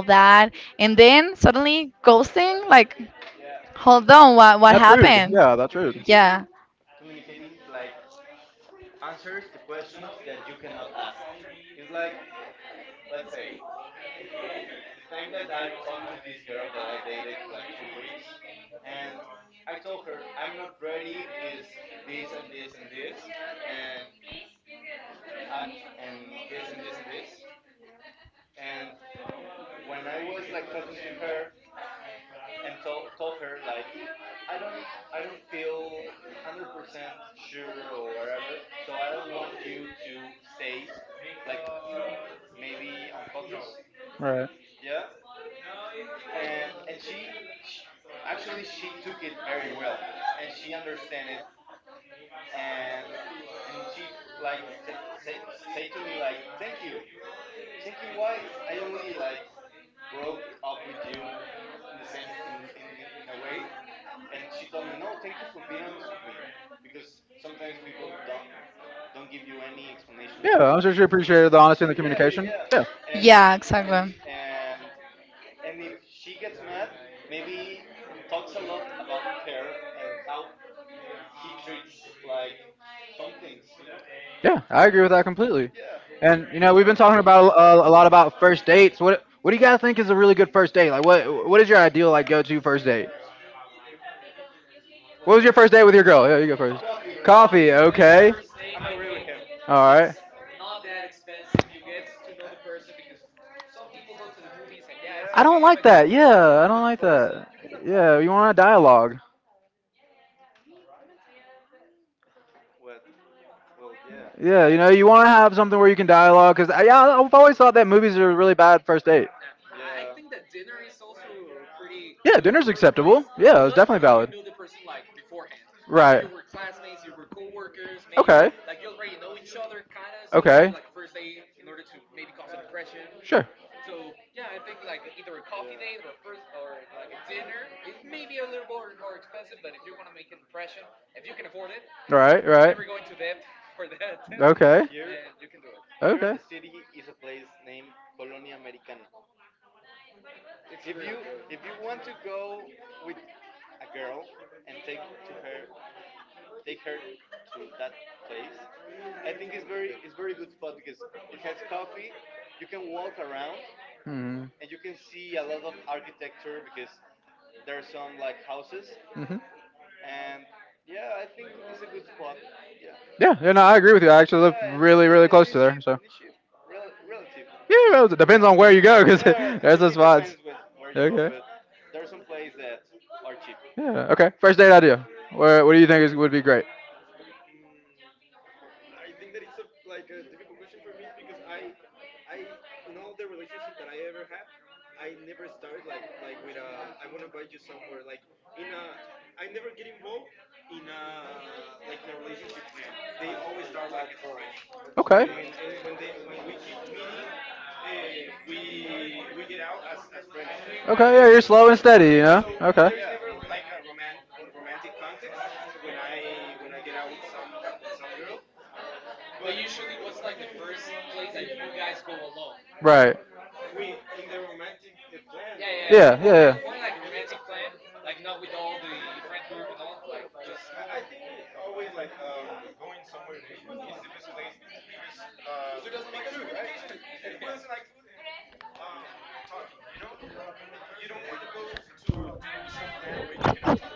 Speaker 2: Yeah. Yeah. Sometimes
Speaker 3: That's
Speaker 2: yeah.
Speaker 3: rude. Yeah, that's rude.
Speaker 2: Communicating communicating like answers to questions that you cannot ask. It's like, let's say the time that I talked to this girl that I dated like 2 weeks, and I told her I'm not ready because this and this and this, and I, and this and this and this. And when I was like talking to her, and told her like I don't, I don't feel 100% sure or whatever, so I don't want you to stay like maybe on focus.
Speaker 3: Right.
Speaker 2: Yeah. And and she, she actually, she took it very well and she understand it, and and she like say to me like thank you, thank you, why I only like broke up with you in the same in a way. And she told me, no, thank you for being honest with me, because sometimes people don't give you any explanation
Speaker 3: Yeah, I'm
Speaker 2: about their
Speaker 3: sure
Speaker 2: feelings.
Speaker 3: appreciated the honesty and
Speaker 2: So
Speaker 3: the yeah,
Speaker 2: yeah, yeah,
Speaker 3: communication.
Speaker 2: yeah.
Speaker 3: Yeah,
Speaker 2: and and s- and and if she gets mad, maybe talks a lot about her and how he treats, like some things, you know.
Speaker 3: yeah, I agree with that completely.
Speaker 2: Yeah,
Speaker 3: And we've been talking about a lot about first dates. What do you guys think is a really good first date? Like, what is your ideal like go to first date?
Speaker 1: Well,
Speaker 3: What was your
Speaker 1: first,
Speaker 3: first date with your girl? Yeah,
Speaker 1: coffee.
Speaker 3: you go first.
Speaker 1: Coffee. Coffee is
Speaker 2: coffee.
Speaker 3: Coffee.
Speaker 1: the
Speaker 2: I
Speaker 1: best
Speaker 3: Okay.
Speaker 1: first date. I
Speaker 2: agree with
Speaker 1: think
Speaker 2: him.
Speaker 3: All
Speaker 1: it's
Speaker 3: right.
Speaker 1: not that expensive. You get to know the person because some people go to the movies and yeah, it's
Speaker 3: I don't
Speaker 1: okay,
Speaker 3: like
Speaker 1: but
Speaker 3: that.
Speaker 1: you don't
Speaker 3: Yeah,
Speaker 1: talk
Speaker 3: I
Speaker 1: with
Speaker 3: don't
Speaker 1: the
Speaker 3: like
Speaker 1: person.
Speaker 3: that.
Speaker 2: You cannot
Speaker 3: Yeah,
Speaker 2: talk
Speaker 3: you want a dialogue.
Speaker 2: with. Well, yeah. Yeah,
Speaker 3: Yeah,
Speaker 1: Yeah,
Speaker 3: you want to
Speaker 1: so.
Speaker 3: have something where you can dialogue. Because yeah, I've always thought that movies are really bad first date.
Speaker 1: Yeah, I think that dinner is also a pretty
Speaker 3: Yeah,
Speaker 1: good
Speaker 3: dinner's
Speaker 1: first
Speaker 3: acceptable.
Speaker 1: place,
Speaker 3: Yeah, it's
Speaker 1: but
Speaker 3: definitely
Speaker 1: only if you
Speaker 3: valid.
Speaker 1: know the person like beforehand. Like if
Speaker 3: Right.
Speaker 1: you were classmates, you were coworkers, maybe.
Speaker 3: Okay.
Speaker 1: Like you already know each other, kinda. So maybe
Speaker 3: Okay.
Speaker 1: like a first date in order to maybe cause an impression.
Speaker 3: Sure.
Speaker 1: So yeah, I think like either a coffee date or a first or like a dinner. It may be a little more expensive, but if you want to make an impression, if you can afford it,
Speaker 3: Right.
Speaker 1: and
Speaker 3: Right.
Speaker 1: never go into debt for that,
Speaker 3: Okay.
Speaker 2: here,
Speaker 1: then you can do it.
Speaker 2: here at the
Speaker 3: Okay.
Speaker 2: city is a place named Colonia Americana. It's
Speaker 1: It's
Speaker 2: If very
Speaker 1: really
Speaker 2: you good.
Speaker 1: good.
Speaker 2: If you want to go with a girl and take to her, take her to that place.
Speaker 4: Ne
Speaker 2: I
Speaker 4: near
Speaker 2: think it's
Speaker 4: Chapultepec.
Speaker 2: very good spot because it has coffee. You can walk around,
Speaker 3: Hmm.
Speaker 2: and you can see a lot of architecture because there are some like houses,
Speaker 3: Hmm.
Speaker 2: and yeah, I think it's a good spot. Yeah,
Speaker 3: Yeah, yeah, no, I
Speaker 2: yeah,
Speaker 3: agree with you. I actually
Speaker 2: yeah,
Speaker 3: live
Speaker 2: and and,
Speaker 3: really,
Speaker 2: and,
Speaker 3: really
Speaker 2: and
Speaker 3: close to
Speaker 2: it's
Speaker 3: there.
Speaker 2: cheap,
Speaker 3: So
Speaker 2: Rel- relative,
Speaker 3: yeah, well, it depends
Speaker 2: yeah.
Speaker 3: on where you go because there's a
Speaker 2: It
Speaker 3: spots.
Speaker 2: depends where you go,
Speaker 3: Okay.
Speaker 2: but there are some places that are cheap.
Speaker 3: Yeah. Okay. First date idea. What do you think is would be great?
Speaker 4: Mm, I think that it's a like a difficult question for me, because I, in all the relationships that I ever had, I never started like with a, I want to invite you somewhere, like in a, I never get involved in a, like in a relationship plan. They always start like as a friend,
Speaker 3: Okay.
Speaker 4: and
Speaker 2: Okay,
Speaker 4: when we keep meeting, we get out as friends.
Speaker 3: Okay. Yeah,
Speaker 2: okay,
Speaker 3: you're slow and
Speaker 4: Eh,
Speaker 3: steady. You know.
Speaker 4: so
Speaker 3: Okay.
Speaker 4: there is
Speaker 2: yeah.
Speaker 4: never like a, a romantic context when I get out with some girl.
Speaker 1: But usually, what's like the first place that you guys go alone?
Speaker 3: Right.
Speaker 4: We, in the romantic plan,
Speaker 1: Yeah,
Speaker 4: we
Speaker 1: yeah, yeah. More,
Speaker 3: Yeah.
Speaker 1: more,
Speaker 3: Yeah.
Speaker 1: more like a romantic,
Speaker 4: we
Speaker 1: plan. Like, not with all the friend group and all. Like,
Speaker 3: Yeah.
Speaker 1: just.
Speaker 4: I think always, like, going somewhere to eat is the best place,
Speaker 3: Yeah,
Speaker 4: because
Speaker 3: because
Speaker 4: uh,
Speaker 3: who doesn't like
Speaker 4: because
Speaker 3: food, right?
Speaker 4: communication.
Speaker 2: Yeah.
Speaker 4: Who
Speaker 1: Yeah.
Speaker 4: doesn't like food and talking? You know,
Speaker 3: yeah,
Speaker 4: Uh, you you don't want to go to do some plan where you cannot talk.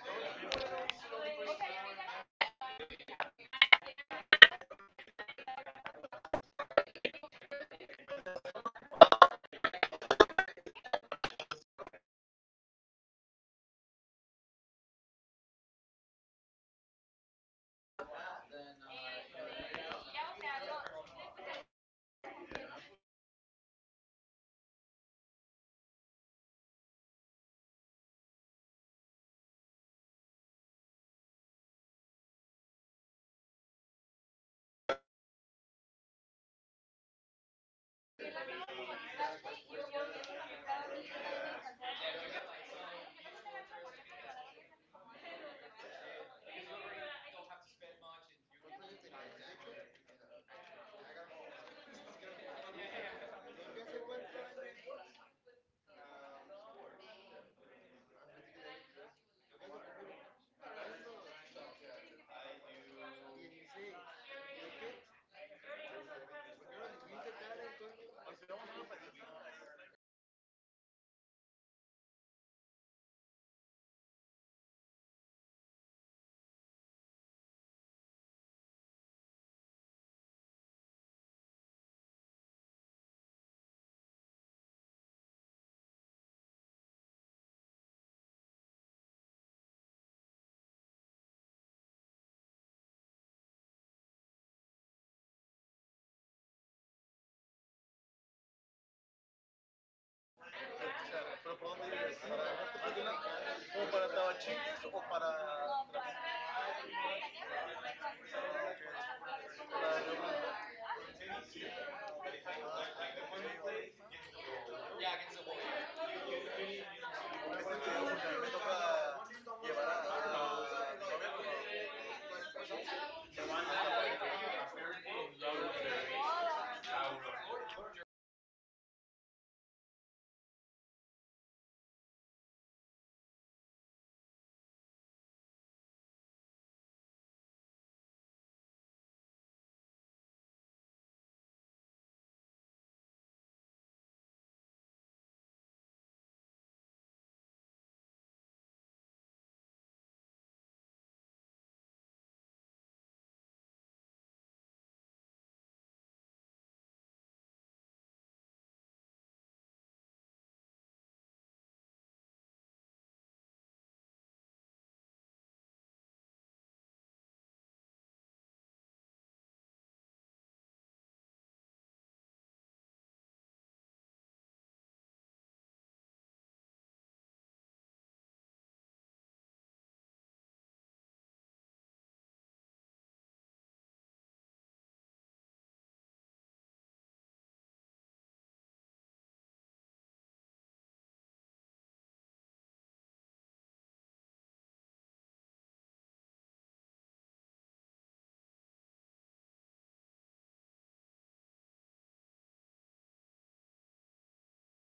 Speaker 4: The only thing you
Speaker 2: Yeah.
Speaker 4: want to know is to know the person more and more. And I think there's no better place than
Speaker 2: Yeah.
Speaker 4: than having dinner. You know,
Speaker 3: Okay.
Speaker 4: having having some food, breakfast, whatever.
Speaker 3: Yeah, I agree. And also, like, take taking a relationship slow.
Speaker 2: No. No.
Speaker 3: And just starting as friends, I think I've always had better experiences with that than than anything else because you get to know that person a lot more. You
Speaker 2: Yeah.
Speaker 3: know,
Speaker 2: Yeah, I
Speaker 3: um,
Speaker 2: think.
Speaker 3: so yeah.
Speaker 2: No, no, no.
Speaker 3: But what about you? Okay. So yeah, guys. I mean, that's definitely the way to go. Somewhere where you can talk a lot and and get into it. If you guys play sports together, that's kind of cool too. I've, you know,
Speaker 2: Yeah, that's cool.
Speaker 1: Yeah,
Speaker 3: I've
Speaker 1: if you
Speaker 3: done
Speaker 1: get
Speaker 3: that
Speaker 1: like
Speaker 3: before.
Speaker 1: some mutual interest, I think that's also a pretty good first day
Speaker 3: Yeah, yeah.
Speaker 1: because you already don't have to spend much, and you could do guys do something that
Speaker 3: Exactly.
Speaker 1: you can
Speaker 3: Exactly.
Speaker 1: actually enjoy.
Speaker 3: I got a ball. Let's go. Let's go to the
Speaker 1: Yeah,
Speaker 3: field.
Speaker 1: yeah.
Speaker 2: Yeah,
Speaker 3: okay.
Speaker 2: I
Speaker 3: You guys
Speaker 2: think
Speaker 3: play any sports?
Speaker 2: sports
Speaker 3: Yeah.
Speaker 2: with with with with your partner or
Speaker 3: No, no, no. Just
Speaker 2: no,
Speaker 3: just
Speaker 2: just
Speaker 3: yourself.
Speaker 2: sports.
Speaker 3: Yeah, in general.
Speaker 2: I do I do gym.
Speaker 3: Okay.
Speaker 2: One time I do I do basketball. I
Speaker 3: Okay.
Speaker 2: do football on weekends.
Speaker 3: Yeah, are pretty tall. Yeah, yeah.
Speaker 2: Yeah,
Speaker 3: You'd be
Speaker 2: and
Speaker 3: good at
Speaker 2: yeah,
Speaker 3: basketball.
Speaker 2: it's very cool.
Speaker 3: Yeah.
Speaker 2: Yeah,
Speaker 3: Hey, you do soccer on weekends too?
Speaker 2: huh?
Speaker 3: You do soccer on weekends?
Speaker 2: Yeah,
Speaker 3: Okay, cool.
Speaker 2: yeah. It's like a league,
Speaker 3: Yeah.
Speaker 2: um, weekend
Speaker 3: Weekend.
Speaker 2: league.
Speaker 3: Okay,
Speaker 2: League.
Speaker 3: cool.
Speaker 2: Yeah.
Speaker 3: Oh, gosh, what about you?
Speaker 1: I do gym,
Speaker 3: Okay.
Speaker 1: most of the time, but like, interestingly, I don't think like a gym is a good first date, because you're
Speaker 3: Oh,
Speaker 1: you're
Speaker 3: no, no,
Speaker 1: you're
Speaker 3: no, no,
Speaker 1: all
Speaker 3: no,
Speaker 1: like
Speaker 3: not at all.
Speaker 1: grunting and that
Speaker 3: Yeah, that's weird. You
Speaker 1: and
Speaker 3: know you don't want to
Speaker 1: stuff.
Speaker 3: be all sweaty.
Speaker 1: But like, yeah, I usually just go to the gym and play some basketball. I
Speaker 3: Okay.
Speaker 5: O
Speaker 1: really enjoy it. I
Speaker 5: sea,
Speaker 1: play
Speaker 5: ¿pero
Speaker 1: with my
Speaker 5: por dónde vives?
Speaker 1: friends
Speaker 5: ¿Para
Speaker 1: and
Speaker 5: la
Speaker 3: Go.
Speaker 1: all.
Speaker 5: parte
Speaker 3: Go. You doing
Speaker 5: personal?
Speaker 3: any
Speaker 5: ¿O para
Speaker 3: sports?
Speaker 5: Tabachingues o para me
Speaker 4: Mm, I am not a lot into sports. I only like one sport, that is called front tennis. That is
Speaker 2: Oh,
Speaker 4: like,
Speaker 2: that's
Speaker 4: like
Speaker 2: cool.
Speaker 4: the one you play against the wall. You know,
Speaker 1: Yeah, against the wall.
Speaker 4: Y-
Speaker 1: Yeah,
Speaker 4: you
Speaker 3: Oh,
Speaker 4: you you
Speaker 3: okay.
Speaker 4: need you need to.
Speaker 3: Oh, I think
Speaker 4: Uh,
Speaker 3: I know what you're talking about. Like one dude's
Speaker 5: toca
Speaker 3: on one side,
Speaker 2: Yeah.
Speaker 3: the other dude's on the other side, and you're like hitting it,
Speaker 4: it,
Speaker 3: it like
Speaker 4: it's
Speaker 3: towards his side.
Speaker 4: like,
Speaker 1: yeah. You hit it towards the world, and
Speaker 4: you
Speaker 1: if it
Speaker 4: gotta
Speaker 1: hits two times
Speaker 5: llevar
Speaker 1: the floor,
Speaker 5: a
Speaker 4: the floor.
Speaker 1: you're gone.
Speaker 3: Gotcha.
Speaker 4: Yeah, so
Speaker 3: Okay.
Speaker 4: it's first,
Speaker 2: Okay.
Speaker 4: you hit the ball. It needs to
Speaker 3: Yeah.
Speaker 4: hit the wall. He can only bounce once in the floor,
Speaker 3: Okay.
Speaker 4: and then the other team can make the move.
Speaker 3: Gotcha. Okay. It's kind of
Speaker 4: He,
Speaker 3: like wall ball. I've played wall ball,
Speaker 4: exactly, exactly.
Speaker 3: and
Speaker 2: Well,
Speaker 3: uh,
Speaker 2: so
Speaker 3: all right. I would I- yeah, so yeah, I played wall ball. I mean, I don't know if it's the same thing. It's kind of like that, but it's like with a little rubber ball, and you're kind of just smacking it with your hand against the wall, and it's the same concept. You know, you hit it
Speaker 1: I've
Speaker 3: into the
Speaker 1: seen
Speaker 3: other
Speaker 1: it.
Speaker 3: person's.
Speaker 1: Yeah,
Speaker 3: Yeah,
Speaker 1: yeah.
Speaker 3: yeah, it's a really cool game.
Speaker 4: It's really fun, and you know, I it makes me like a lot of fun that the most professional players are like the old ones, you know?
Speaker 3: Okay,
Speaker 4: I go to some
Speaker 3: so it's more
Speaker 4: like
Speaker 3: skill than agility.
Speaker 4: Exactly,
Speaker 3: Okay,
Speaker 4: because if you know how to control your movements,
Speaker 3: right.
Speaker 4: you know how to, like, to sweat less to say.
Speaker 3: Yeah, not only
Speaker 4: S-
Speaker 3: that, but like knowing where to
Speaker 4: Exactly.
Speaker 3: position
Speaker 4: You need
Speaker 3: yourself
Speaker 4: to
Speaker 3: on the
Speaker 4: calculate,
Speaker 3: court.
Speaker 4: like, really good your movements and your
Speaker 3: Right.
Speaker 4: steps for being best. So really the best players that I ever know are like above 40 years, you
Speaker 3: No
Speaker 4: know?
Speaker 3: kidding. Okay.
Speaker 1: 40 years old.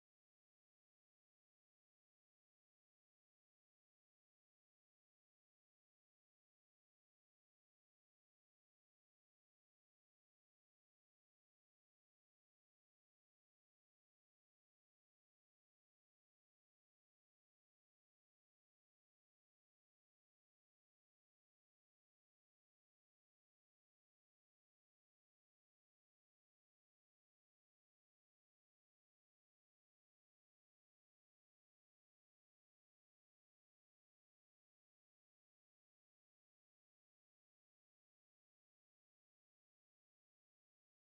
Speaker 4: It's a really interesting sport. If you never try it, it's always. I think it is not like too difficult. You can, um, like, catch it really quick, and maybe if you would with your friends, you're gonna have a really good time.
Speaker 2: nice.
Speaker 3: Okay. Yeah, that sounds awesome, dude. That sounds really fun. Where do you play?
Speaker 4: Mm, there are not a lot of courts to play
Speaker 1: I've
Speaker 4: here.
Speaker 1: seen some in Atlas Colomos.
Speaker 2: Mhm.
Speaker 1: There.
Speaker 4: There are in, well, I mean, in like in free places, you know, because of course in sports club you're gonna find a lot, but
Speaker 3: Sure.
Speaker 2: Okay.
Speaker 4: to pay like a lot, there is one near the line one.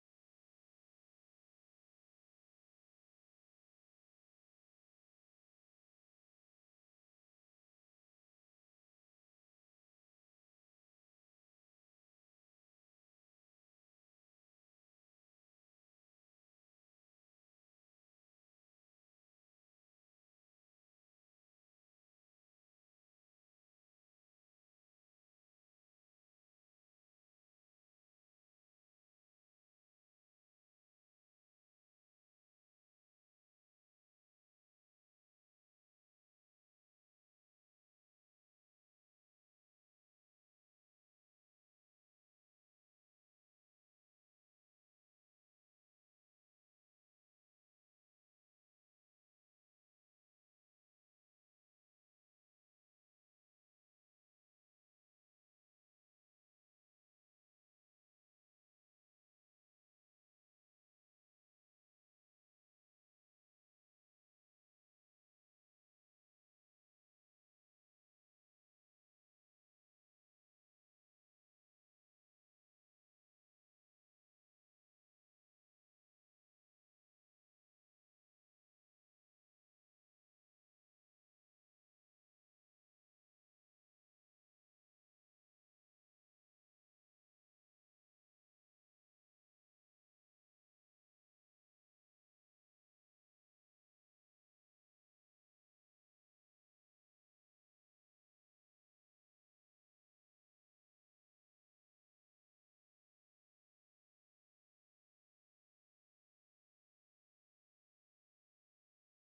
Speaker 4: It is called, mm, Unidad Deportiva,
Speaker 2: Mhm.
Speaker 4: of Guadalajara.
Speaker 2: Mhm.
Speaker 4: It's called like that, and it's free to people. There are a lot of people that play and make tournaments there,
Speaker 3: Okay.
Speaker 4: and you can just join
Speaker 3: How does
Speaker 4: one.
Speaker 3: that work? I've been by there, but I've never stopped by there just because I don't. I'm not really sure how that works. It's not like membership or anything. You just walk in
Speaker 4: You just
Speaker 3: and
Speaker 4: walking.
Speaker 3: it
Speaker 4: Maybe
Speaker 3: just
Speaker 4: they,
Speaker 3: fields.
Speaker 4: they, they like, maybe some way to a port like 10 pesos, you know.
Speaker 3: Okay.
Speaker 4: But it's just for the maintenance of the place.
Speaker 3: Sure. Yeah.
Speaker 2: Yeah,
Speaker 3: Okay. Is
Speaker 4: But
Speaker 3: there
Speaker 4: it,
Speaker 3: like a little like meter thing you put the $10 in
Speaker 4: or
Speaker 3: or?
Speaker 4: I think it is just like a guard, like, with a box, and you just give him the just a
Speaker 3: It's just
Speaker 4: money.
Speaker 3: some
Speaker 4: Random.
Speaker 3: random guy that walked up and
Speaker 4: Yeah,
Speaker 3: posted
Speaker 4: I
Speaker 3: up.
Speaker 4: know. Maybe he takes that to his house. We
Speaker 3: yeah, he's like,
Speaker 4: awesome.
Speaker 3: I'm gonna
Speaker 4: Know
Speaker 3: get
Speaker 4: we
Speaker 3: some
Speaker 4: never
Speaker 3: good tacos
Speaker 4: know.
Speaker 3: with
Speaker 4: Dude,
Speaker 3: these tonight. Okay, okay,
Speaker 2: that's
Speaker 3: cool.
Speaker 2: nice.
Speaker 3: Yeah, but they have like soccer fields and
Speaker 4: they
Speaker 3: because I've
Speaker 4: have,
Speaker 3: been looking for. So I used to play like football when I was a kid. So I've been looking for like a flag football league or something out here, but I don't know if anybody even really plays. You know?
Speaker 1: I don't
Speaker 2: And
Speaker 1: really
Speaker 2: football?
Speaker 1: know.
Speaker 3: Yeah, flag football.
Speaker 2: Fly football.
Speaker 3: Hmm.
Speaker 2: How?
Speaker 3: So flag football is it's basically the same thing, but instead of like you've got like a belt with little like banners hanging
Speaker 1: Oh
Speaker 3: off of
Speaker 1: yeah,
Speaker 3: it.
Speaker 2: Oh,
Speaker 1: I.
Speaker 2: flag football,
Speaker 3: Yeah, yeah,
Speaker 2: football.
Speaker 3: yeah, and like
Speaker 2: Yeah,
Speaker 3: you instead of
Speaker 2: I,
Speaker 3: tackling, you
Speaker 2: I do.
Speaker 3: you play flag
Speaker 2: Yeah,
Speaker 3: football?
Speaker 2: in high
Speaker 3: Where?
Speaker 2: school.
Speaker 3: Oh, okay, cool.
Speaker 2: Yeah.
Speaker 3: You know anywhere around here where you can play?
Speaker 2: Well, I do it campus, but I don't know.
Speaker 3: Gotcha.
Speaker 2: Yeah, I know some places, but they are in Estadio Akron, like
Speaker 3: Mm,
Speaker 2: in that zone.
Speaker 3: that area, yeah.
Speaker 2: It's a place that the name is Carneros.
Speaker 3: Okay,
Speaker 2: And they play with the team, and
Speaker 3: okay.
Speaker 2: it's very cool. Maybe you should
Speaker 3: A little league?
Speaker 2: ask.
Speaker 3: Yeah.
Speaker 2: Yeah,
Speaker 3: No, that'd be cool.
Speaker 2: and um, what else do you do?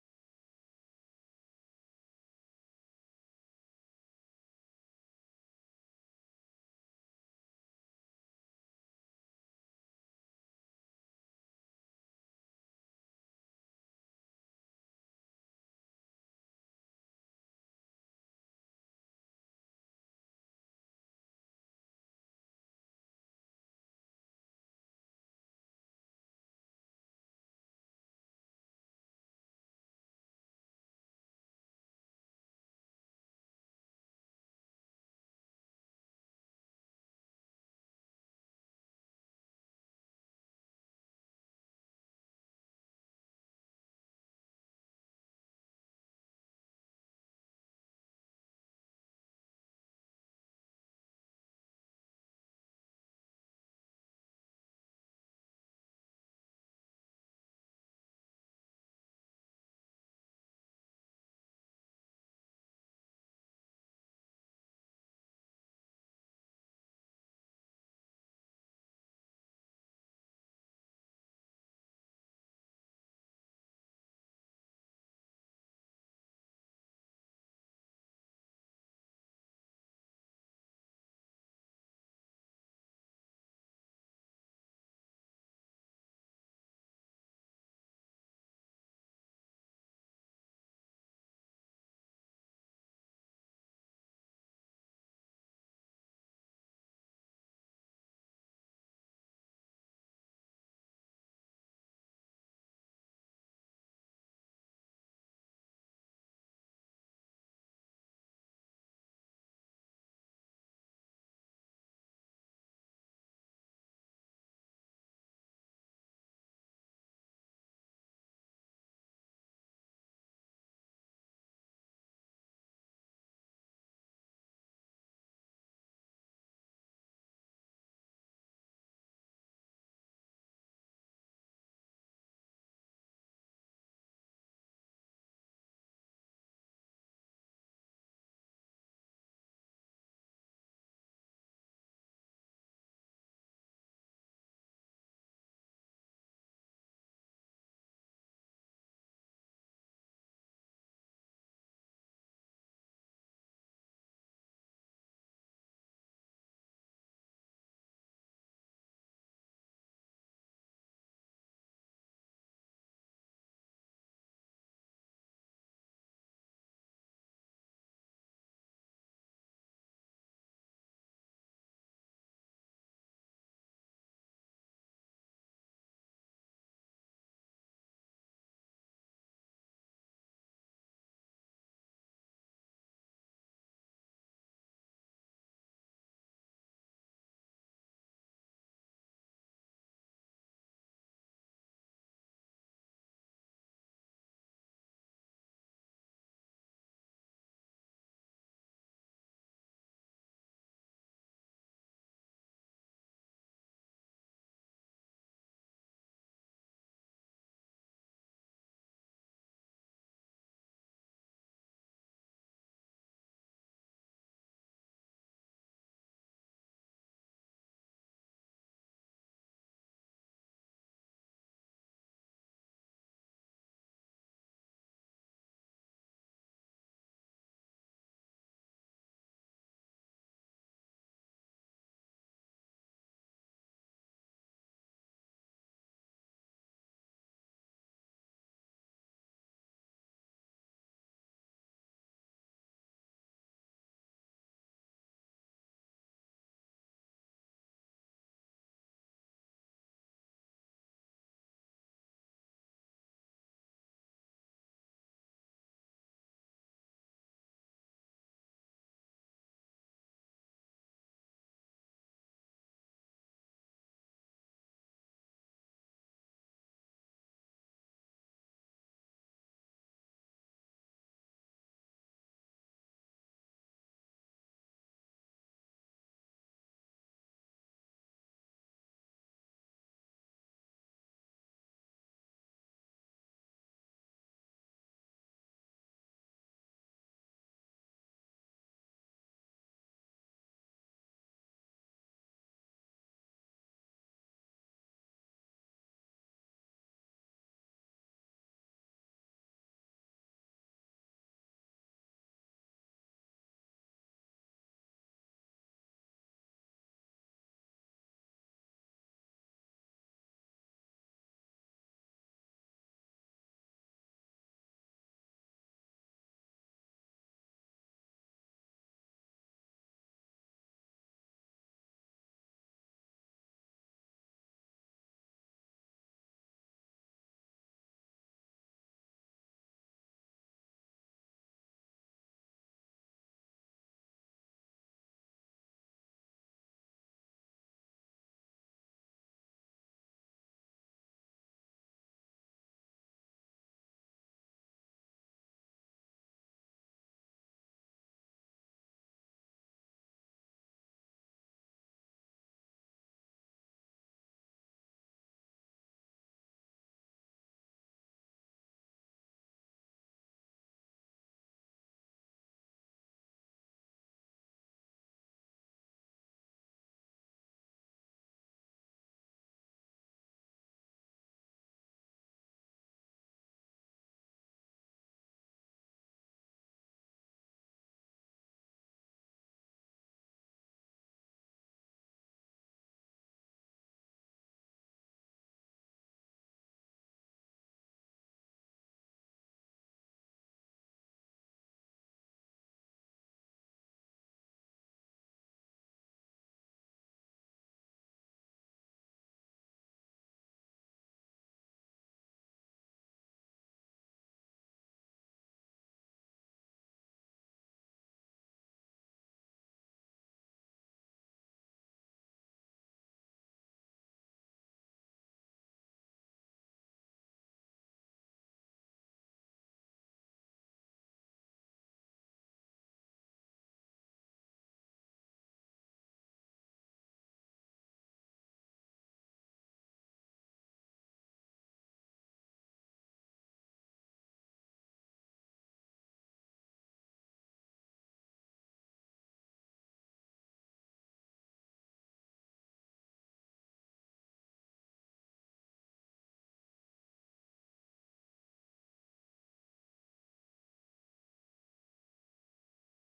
Speaker 3: So I grew up playing football since I was like 7, and then I got into high school, and I wrestled all 4 years of my high school, and I did soccer at towards the end of
Speaker 2: Okay,
Speaker 3: uh, of high school, and right now I just box.
Speaker 1: Just
Speaker 2: okay,
Speaker 1: box.
Speaker 4: yeah.
Speaker 2: box,
Speaker 3: Yeah.
Speaker 1: Nice.
Speaker 2: nice.
Speaker 1: Plan on competing?
Speaker 3: At some point, yeah, like I started not too long ago. Like I've always like grew up boxing with friends and
Speaker 1: All
Speaker 3: family and
Speaker 1: right,
Speaker 3: stuff.
Speaker 1: just like
Speaker 3: Um,
Speaker 1: sparings.
Speaker 3: yeah, and well, no, like more like beating the crap out of each other as much as we could, right?
Speaker 1: Just been
Speaker 3: Uh,
Speaker 1: friendly, right?
Speaker 3: yeah, yeah, friendly, and then somebody gets hit too hard, and then it's like, oh, now we're going at it. Now we're on the
Speaker 2: Hmm.
Speaker 3: floor, and now, yeah. But no, we always kept it friendly. We're always good sports about it. But yeah, no. Recently, I started going to a little boxing gym, and they told me they have the events there like bi yearly. So depending on when they have the next one, I might try to complete compete because I've only been in there like a month. So if I have like maybe like 2 more months to compete and really get into like fighting shape, I might consider it.
Speaker 2: Nice.
Speaker 3: Because I think it'd be fun, man. I love sports. I love competing. I'm you know I'm a very competitive person. Like. I don't care what we're doing. I'm gonna try to compete
Speaker 1: That's
Speaker 3: about it. I'm gonna try
Speaker 1: right. Yeah.
Speaker 2: And
Speaker 3: to
Speaker 1: I'm in.
Speaker 3: win.
Speaker 2: baseball, no?
Speaker 3: Not really. You know, I, I
Speaker 2: You
Speaker 3: like
Speaker 2: only
Speaker 3: I
Speaker 2: watch
Speaker 3: like
Speaker 2: it?
Speaker 3: going to the games. I don't
Speaker 2: Okay.
Speaker 3: really like watching it
Speaker 2: Have you ever
Speaker 3: though. Like,
Speaker 2: went to Charros?
Speaker 3: no, I haven't gone. I've they told me about it. It seems really fun.
Speaker 2: Yeah, it's
Speaker 3: I just haven't had
Speaker 2: fun.
Speaker 3: the opportunity. Yeah.
Speaker 2: Yeah, it's a very good experience.
Speaker 3: Yeah, like
Speaker 2: Yeah.
Speaker 3: I said, there's nothing like watching a sport or a show live. You know, like baseball is just I never was too into it as a kid, so like watching it on TV just seems kind of like to me. But I'll watch football. You know, I'll watch a
Speaker 1: Really.
Speaker 3: soccer game or
Speaker 1: Yeah, it's definitely better
Speaker 3: yeah,
Speaker 1: going at
Speaker 3: or a
Speaker 1: it and
Speaker 3: fight. Yeah,
Speaker 1: just
Speaker 2: Mhm.
Speaker 1: just
Speaker 3: because
Speaker 1: being
Speaker 2: Mhm.
Speaker 1: there.
Speaker 3: yeah, because I understand it more. I grew up with it. I'm more passionate about it. I'm not as passionate about baseball. I just like the jerseys. You know.
Speaker 2: I think the best thing about baseball is your company. Who you going to into the game, wherever.
Speaker 3: Yeah, for sure.
Speaker 2: Yeah, because it's a slowly game.
Speaker 3: Yeah, it is very slow
Speaker 2: So,
Speaker 3: game.
Speaker 2: and you need to have a topic
Speaker 3: Some
Speaker 2: about
Speaker 3: sort of
Speaker 2: talking,
Speaker 3: filler.
Speaker 2: yeah,
Speaker 3: Yeah, you have somebody
Speaker 2: yeah.
Speaker 3: you're
Speaker 2: And
Speaker 3: cool with.
Speaker 2: also some food, they sell like
Speaker 3: What's big
Speaker 2: pizza.
Speaker 3: here? Yeah, like normally, like in the states, it's like the hot dogs. You know,
Speaker 2: Yeah, no, no, no. Here is
Speaker 1: Beers.
Speaker 2: like s-
Speaker 3: beers. Yeah, I
Speaker 2: some
Speaker 3: that goes that goes good with everything,
Speaker 2: so, some
Speaker 3: right?
Speaker 2: enterprises very famous like Little Caesars or
Speaker 3: Okay, yeah, they got those
Speaker 4: Jr.
Speaker 3: in the
Speaker 2: yeah, Carl
Speaker 4: Carl
Speaker 3: stadium.
Speaker 2: Jr.
Speaker 4: Jr.
Speaker 2: Carl
Speaker 4: There is
Speaker 2: Jr.
Speaker 4: also
Speaker 3: Carl
Speaker 4: there are
Speaker 3: Jr.'s
Speaker 4: a
Speaker 3: in
Speaker 4: lot
Speaker 3: there.
Speaker 4: of
Speaker 3: Okay.
Speaker 4: companies that
Speaker 1: Didn't
Speaker 4: enter in
Speaker 1: know
Speaker 4: the
Speaker 1: about them.
Speaker 4: stadium.
Speaker 3: Fire burgers. Okay.
Speaker 2: Yeah.
Speaker 3: Okay, cool.
Speaker 2: Also, I don't know what what other else. Tortas
Speaker 3: Dude, speaking
Speaker 2: ahogadas,
Speaker 3: about burgers, you know, like everybody goes crazy about Carl's Jr., but you know who I think has a really, really good burger? What's the one with the bear, like caribou or something like
Speaker 4: De
Speaker 3: that?
Speaker 2: a
Speaker 4: cuarto de
Speaker 2: ver.
Speaker 4: kilo.
Speaker 3: No, not those. It's got like a little bear insignia on it. There's one in like Punta Sur. There's one in Midtown. It's got it's
Speaker 1: Uh,
Speaker 3: got a little bear. I think it's caribou or something like
Speaker 1: is
Speaker 3: that.
Speaker 1: it like caribou?
Speaker 3: Is it caribou?
Speaker 1: I don't know what you're talking about. Like,
Speaker 2: Cuarto de kilo,
Speaker 3: No,
Speaker 2: maybe.
Speaker 3: it's not
Speaker 1: no no no,
Speaker 3: that
Speaker 1: that's not
Speaker 3: one.
Speaker 1: that one
Speaker 3: It's
Speaker 1: because that's
Speaker 2: It's
Speaker 1: lion.
Speaker 2: Lion. Hammer hamburger.
Speaker 3: it's yellow. It's a yellow
Speaker 2: Ah,
Speaker 3: place, and
Speaker 2: Gran Lucha.
Speaker 4: Ah, wait.
Speaker 1: No
Speaker 3: no,
Speaker 1: no
Speaker 4: Popeyes.
Speaker 1: Popeyes. Is it
Speaker 2: Popeyes.
Speaker 3: no,
Speaker 1: Popeyes?
Speaker 3: no,
Speaker 1: No.
Speaker 3: not Popeye. Popeyes does have some good sandwiches though, but no, it's. I mean, have y'all been to Midtown? The plaza
Speaker 1: Yeah
Speaker 3: up
Speaker 1: yeah
Speaker 3: here in
Speaker 1: yeah, I've
Speaker 3: Providence.
Speaker 1: been.
Speaker 2: Yeah,
Speaker 3: So you know, on the third floor, right? Yeah.
Speaker 4: i-
Speaker 2: yeah.
Speaker 4: Is it,
Speaker 3: And
Speaker 4: isn't
Speaker 3: y-
Speaker 4: it called
Speaker 3: or second
Speaker 4: Malibu?
Speaker 3: floor? Malibu? Is it Malibu? It's
Speaker 4: Malibu?
Speaker 2: No,
Speaker 3: something Boo.
Speaker 2: Buffalo.
Speaker 3: I think it's Caribou.
Speaker 4: I've
Speaker 2: Buffalo
Speaker 4: known one,
Speaker 2: Wings?
Speaker 4: but it's like, yellow with, blue.
Speaker 3: Yeah, and it's got like a bear or something like
Speaker 4: I
Speaker 3: as
Speaker 4: don't
Speaker 3: an
Speaker 4: remember the
Speaker 3: insignia.
Speaker 4: beer, but
Speaker 3: I
Speaker 4: I
Speaker 3: think
Speaker 4: remember the yellow,
Speaker 3: it might
Speaker 4: and
Speaker 3: be a
Speaker 4: that they
Speaker 3: lion
Speaker 4: sell
Speaker 3: or
Speaker 4: like
Speaker 3: some sort of animal.
Speaker 4: hamburgers.
Speaker 3: Yeah, I
Speaker 4: And
Speaker 3: can't
Speaker 2: Mm,
Speaker 3: remember what it's called. I think it's Caribou.
Speaker 1: Caribou.
Speaker 3: That doesn't sound right.
Speaker 4: I just
Speaker 1: No, that's a
Speaker 4: know.
Speaker 3: Yeah.
Speaker 1: samurai.
Speaker 3: Anyway, it's on the second floor of that little plaza. If you like, you pass, you go past the subway.
Speaker 2: where?
Speaker 3: You turn the corner.
Speaker 4: In
Speaker 2: The
Speaker 4: Midtown?
Speaker 2: subway,
Speaker 3: Yeah, Midtown. You go
Speaker 1: Midtown.
Speaker 2: Midtown?
Speaker 3: past the subway. You know where they have like the big screen?
Speaker 1: Yeah yeah.
Speaker 3: It's literally right next to it.
Speaker 2: Mm. And
Speaker 3: So if
Speaker 2: you
Speaker 3: you're
Speaker 2: you
Speaker 3: looking at the
Speaker 2: say
Speaker 3: big screen, it's to your left hand side.
Speaker 2: I maybe picture to more in
Speaker 3: El
Speaker 2: Punto Sur.
Speaker 3: Caribe.
Speaker 2: Puerto Sur.
Speaker 3: There's one in Punta Sur too. That's actually
Speaker 2: Yeah,
Speaker 3: the first time I
Speaker 2: I,
Speaker 3: tried
Speaker 2: th- I
Speaker 3: it.
Speaker 2: think it doesn't allow you to search it.
Speaker 4: Yeah, I think it is restricted
Speaker 3: I
Speaker 2: Yeah,
Speaker 3: should.
Speaker 2: they're
Speaker 4: pages.
Speaker 2: restricted.
Speaker 3: Do they have y'all's computer? Wow,
Speaker 2: Oh,
Speaker 3: that's sad. Anyway, good burgers. If y'all
Speaker 2: hey,
Speaker 3: are ever
Speaker 2: Fer,
Speaker 1: Good
Speaker 3: over, and y'all
Speaker 1: burgers.
Speaker 3: see y'all see a burger
Speaker 2: Fer,
Speaker 3: spot with a bear on it, y'all check it out. But what do y'all think is the best burger?
Speaker 1: The best burger, like here in Mexico,
Speaker 3: Hmm?
Speaker 1: the Louis Burgers. Have you
Speaker 2: Louis
Speaker 1: tried out?
Speaker 2: Burger.
Speaker 3: Louis Burger. Nuh-uh.
Speaker 1: Louis Burger. It's like
Speaker 2: Louis Burger.
Speaker 1: a
Speaker 3: Louis.
Speaker 1: little
Speaker 2: Louis
Speaker 1: place in
Speaker 2: Burger.
Speaker 1: Providencia, right?
Speaker 2: Yeah,
Speaker 3: Okay.
Speaker 2: Providencia, also Servidor Público, and Glorieta Chapalita.
Speaker 3: Okay.
Speaker 2: Yeah.
Speaker 4: There
Speaker 3: What's
Speaker 4: are
Speaker 3: so
Speaker 1: It-
Speaker 4: the
Speaker 3: good
Speaker 1: It's,
Speaker 3: about
Speaker 1: it's
Speaker 4: ones.
Speaker 3: it?
Speaker 1: like a little place, but the thing that
Speaker 2: It's
Speaker 1: the
Speaker 2: like.
Speaker 1: burgers are good, but what is really good about them, it's like the
Speaker 2: No,
Speaker 1: milkshakes. They're
Speaker 2: no.
Speaker 1: like gigantic
Speaker 3: Milkshakes.
Speaker 1: milkshakes
Speaker 3: Okay,
Speaker 1: with,
Speaker 3: cool.
Speaker 2: Yeah.
Speaker 1: like a piece of cake and
Speaker 4: Ah,
Speaker 1: like three
Speaker 2: Yeah.
Speaker 1: ice
Speaker 4: yeah.
Speaker 1: cream
Speaker 3: Wow.
Speaker 1: balls. Yeah,
Speaker 3: Okay,
Speaker 1: it's,
Speaker 3: that
Speaker 1: they're, they're like
Speaker 3: sounds like a lot.
Speaker 1: really, yeah,
Speaker 4: I
Speaker 1: it's really
Speaker 2: Fair.
Speaker 1: good.
Speaker 4: seen it on TikTok.
Speaker 1: Yeah,
Speaker 2: Fair.
Speaker 1: yeah,
Speaker 3: Okay. All right.
Speaker 2: Fair.
Speaker 3: Cause there's some burgers by Glorieta Niños Airways. It's
Speaker 1: yeah.
Speaker 3: like a little
Speaker 1: Yeah.
Speaker 3: stand, dude, and it's just like the first time I ate a burger there, I was like, dude, I'm starving. I'm gonna get you know, a big one. They're
Speaker 1: Yeah.
Speaker 3: like, oh, what size you want? I was like, they're like large. I'm like, you sure you want a large? I was like, yeah, man,
Speaker 2: Wow.
Speaker 3: give me Wow. a large, dude. What, are you,
Speaker 1: Yeah.
Speaker 3: what are you talking about? And I see why they looked at me kind of weird because it's literally it's the size of your face, dude. Like it is a huge burger. If you're ever in
Speaker 1: Damn.
Speaker 3: Glorieta Niñas Héroes, right before you get to Avenida Chapultepec, you know it's right on that little corner.
Speaker 1: All
Speaker 3: It's a little
Speaker 1: right.
Speaker 3: stand, dude. They're always out there. That but they're amazing burgers. Like the beef is like fresh. It's really really soft, and
Speaker 1: Juicy.
Speaker 3: the yeah, like they got good light vegetables and stuff on it, good sauces, and the bun. You know, I think the bun always is a really key part of a burger. So soft, dude.
Speaker 1: Nah. All right.
Speaker 2: I know a spot in Providencia. Maybe you don't know it, but it's low key cool, and it's low key because no one knows it. It's, his name is Kelly Burger.
Speaker 1: Kelly
Speaker 4: Killburger?
Speaker 1: Burger.
Speaker 3: That sounds
Speaker 4: Never.
Speaker 2: Kelly
Speaker 3: familiar.
Speaker 2: Burger. Yeah, he's fire, and it's very good. My parents uh, sh- usually go when they were like boyfriends.
Speaker 3: Okay, cool. Is it like a
Speaker 2: Well,
Speaker 3: fancier burger spot
Speaker 2: well,
Speaker 3: or?
Speaker 2: how do you say?
Speaker 3: Yeah, they were dating.
Speaker 2: No dating. No,
Speaker 1: Yeah.
Speaker 2: boyfriend, girlfriend, wherever.
Speaker 3: Yeah, yeah, yeah. I gotcha.
Speaker 2: It sounds very bad.
Speaker 3: Cool. Yeah, man. So
Speaker 4: Do you have
Speaker 3: definitely
Speaker 4: any
Speaker 3: good burger spots.
Speaker 4: any like favorite spot, like, and a specific restaurant, and a specific coffee place?
Speaker 1: Like, for
Speaker 3: Mm,
Speaker 1: going at it.
Speaker 2: More
Speaker 1: Uh,
Speaker 2: recurrent?
Speaker 3: or like just personal, like
Speaker 4: That
Speaker 3: my myself.
Speaker 2: Yeah.
Speaker 4: your
Speaker 2: Your
Speaker 4: if you
Speaker 2: favorite?
Speaker 4: meet someone new in the city, and you would say them, you need to go to this place.
Speaker 2: Oh,
Speaker 3: Hmm. What you guys
Speaker 1: mm.
Speaker 3: think?
Speaker 4: Look,
Speaker 2: mm-mm-mm.
Speaker 4: for example, I know, it is not like too far. It is called Coco Cafe. Have you ever been?
Speaker 2: Ah,
Speaker 1: Oh, Coco
Speaker 2: yeah.
Speaker 1: Cafe is really good. I
Speaker 4: Is
Speaker 1: go with
Speaker 4: really beautiful. It's, like, really as aesthetic the
Speaker 1: aesthetic,
Speaker 4: vibe
Speaker 1: yeah.
Speaker 4: that it has,
Speaker 3: Okay,
Speaker 4: and
Speaker 3: cool.
Speaker 4: the I don't know, it's like, in a place with a lot of garden, but the
Speaker 1: The food's real good and real
Speaker 4: the
Speaker 1: big.
Speaker 4: food's really good.
Speaker 3: Coco
Speaker 4: The
Speaker 3: Cafe. Okay,
Speaker 4: the
Speaker 3: I'm gonna have to look it up.
Speaker 4: furniture feels like, familiar. It's
Speaker 3: Okay.
Speaker 4: like a different vibe, and I really like that place. Oh.
Speaker 3: Yeah,
Speaker 2: Nice.
Speaker 3: that's cool. Nice.
Speaker 1: Yeah, if we're going, I would say like I don't know how to say it in English.
Speaker 3: Like the
Speaker 2: Ah,
Speaker 3: little viewpoints.
Speaker 2: yeah.
Speaker 1: Yeah,
Speaker 3: Yeah.
Speaker 1: yeah, in Bugambilias, yeah,
Speaker 3: Okay. Oh
Speaker 1: like
Speaker 2: Yeah.
Speaker 1: the,
Speaker 3: yeah, I've,
Speaker 1: yeah,
Speaker 3: I've,
Speaker 1: the bar, the
Speaker 2: Yeah,
Speaker 3: I've
Speaker 2: the
Speaker 1: bar.
Speaker 3: I
Speaker 2: bar?
Speaker 3: haven't gone yet, but
Speaker 2: But
Speaker 3: I
Speaker 2: the
Speaker 3: went to the
Speaker 2: coffee, or
Speaker 3: plaza.
Speaker 2: the Italian restaurant?
Speaker 1: No, the bar.
Speaker 2: The bar.
Speaker 1: The bar.
Speaker 3: Yeah.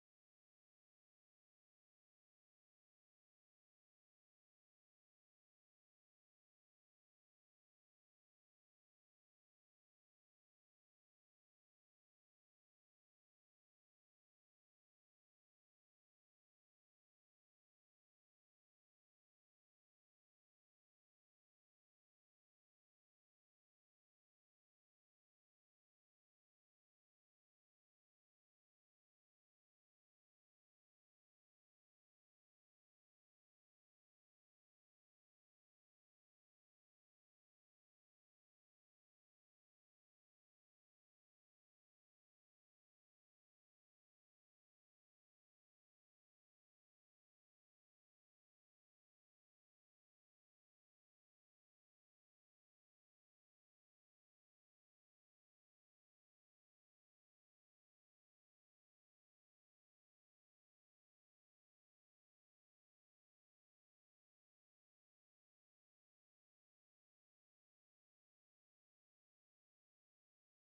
Speaker 2: The bar?
Speaker 3: There's a
Speaker 1: Yeah,
Speaker 3: bar up
Speaker 1: there's
Speaker 3: there.
Speaker 1: a bar. There's a sushi place, and
Speaker 2: Yeah.
Speaker 1: right next to it, there's a bar.
Speaker 2: Ah, the bar with the
Speaker 1: Yeah, with
Speaker 2: ball
Speaker 1: the pooling.
Speaker 2: and the pool.
Speaker 1: May-
Speaker 2: Yeah.
Speaker 1: Maybe not going with
Speaker 3: They've
Speaker 1: a
Speaker 3: got what? They
Speaker 1: with,
Speaker 3: got
Speaker 1: with a
Speaker 3: pool up there
Speaker 1: girl, but maybe
Speaker 2: Yeah,
Speaker 1: we're
Speaker 2: with the
Speaker 1: going with your
Speaker 2: boys, with
Speaker 1: bros.
Speaker 2: the
Speaker 3: with
Speaker 1: Yeah,
Speaker 3: your
Speaker 1: with the
Speaker 3: boy
Speaker 2: boys. Yeah,
Speaker 1: boys.
Speaker 2: with
Speaker 3: buddies.
Speaker 2: the
Speaker 3: Okay,
Speaker 1: Going
Speaker 2: boys.
Speaker 3: yeah,
Speaker 1: with the
Speaker 3: dude, that
Speaker 1: boys to
Speaker 3: sounds
Speaker 1: play some
Speaker 3: cool.
Speaker 1: pool and have a nice views. You
Speaker 3: Okay,
Speaker 1: know, having a beer. Like,
Speaker 3: I went out there actually to the little plaza out there because it was the only spot that had ice skating, and I went on
Speaker 1: oh
Speaker 3: a date with a
Speaker 1: yeah,
Speaker 3: girl. That, I think that's a cool first date too, by the
Speaker 1: that
Speaker 3: way.
Speaker 1: was one of
Speaker 2: I
Speaker 1: my
Speaker 2: went to a
Speaker 1: first days with
Speaker 2: date.
Speaker 1: with
Speaker 3: Yeah,
Speaker 1: a, with a
Speaker 2: I went
Speaker 1: girl.
Speaker 2: to a
Speaker 3: yeah,
Speaker 2: date in the coffee.
Speaker 1: And the
Speaker 3: yeah.
Speaker 1: coffee over there.
Speaker 2: Right
Speaker 3: Okay.
Speaker 2: next to it.
Speaker 1: Oh yeah, yeah,
Speaker 2: Yeah.
Speaker 1: yeah.
Speaker 3: Yeah, yeah. Okay.
Speaker 2: Yeah, it was cool.
Speaker 3: But yeah, I
Speaker 2: Great
Speaker 3: went out
Speaker 2: view.
Speaker 3: there and I saw that they had a viewpoint, and I was like, "Oh, we should go." And then we got distracted by who knows what. But so it's worth going out there.
Speaker 1: Yeah, it's
Speaker 2: Yeah.
Speaker 1: really worth it, especially at night
Speaker 3: Yeah, it was
Speaker 1: because
Speaker 3: pretty.
Speaker 1: all the city lights out and
Speaker 3: Yeah.
Speaker 1: it's really beautiful,
Speaker 2: It's
Speaker 3: Another
Speaker 2: very
Speaker 1: honestly.
Speaker 3: spot that I've
Speaker 2: beautiful.
Speaker 3: heard is really cool that I haven't gotten to go to. I think they said that there's a another viewpoint like over by
Speaker 1: Ryu Hotel.
Speaker 3: the like the what is it called? Huentitan?
Speaker 1: Oh yeah, yeah,
Speaker 3: Yeah.
Speaker 4: Ah,
Speaker 1: yeah, it, it's
Speaker 2: Ooh,
Speaker 1: it's real
Speaker 3: Yeah, I
Speaker 1: good.
Speaker 4: yeah.
Speaker 2: yeah.
Speaker 3: heard there's
Speaker 1: I
Speaker 3: like a
Speaker 1: haven't
Speaker 3: little
Speaker 1: been
Speaker 3: restaurant
Speaker 1: there,
Speaker 3: like
Speaker 1: but
Speaker 3: it's on a
Speaker 1: they say
Speaker 3: ridge
Speaker 1: that it's really
Speaker 2: Yeah,
Speaker 3: somewhere.
Speaker 1: good.
Speaker 2: there's a
Speaker 3: Yeah.
Speaker 2: restaurant with a view.
Speaker 3: Yeah, yeah, I've
Speaker 2: Like
Speaker 3: heard it's really cool.
Speaker 2: yeah, large windows.
Speaker 3: Yeah. Are large
Speaker 2: Yeah.
Speaker 3: windows?
Speaker 2: Yeah, I
Speaker 3: Okay.
Speaker 2: got you. I got you.
Speaker 3: Okay, cool.
Speaker 2: Nice.
Speaker 3: Yeah, the bigger
Speaker 2: Uh,
Speaker 3: the window, the fancier the spot, right?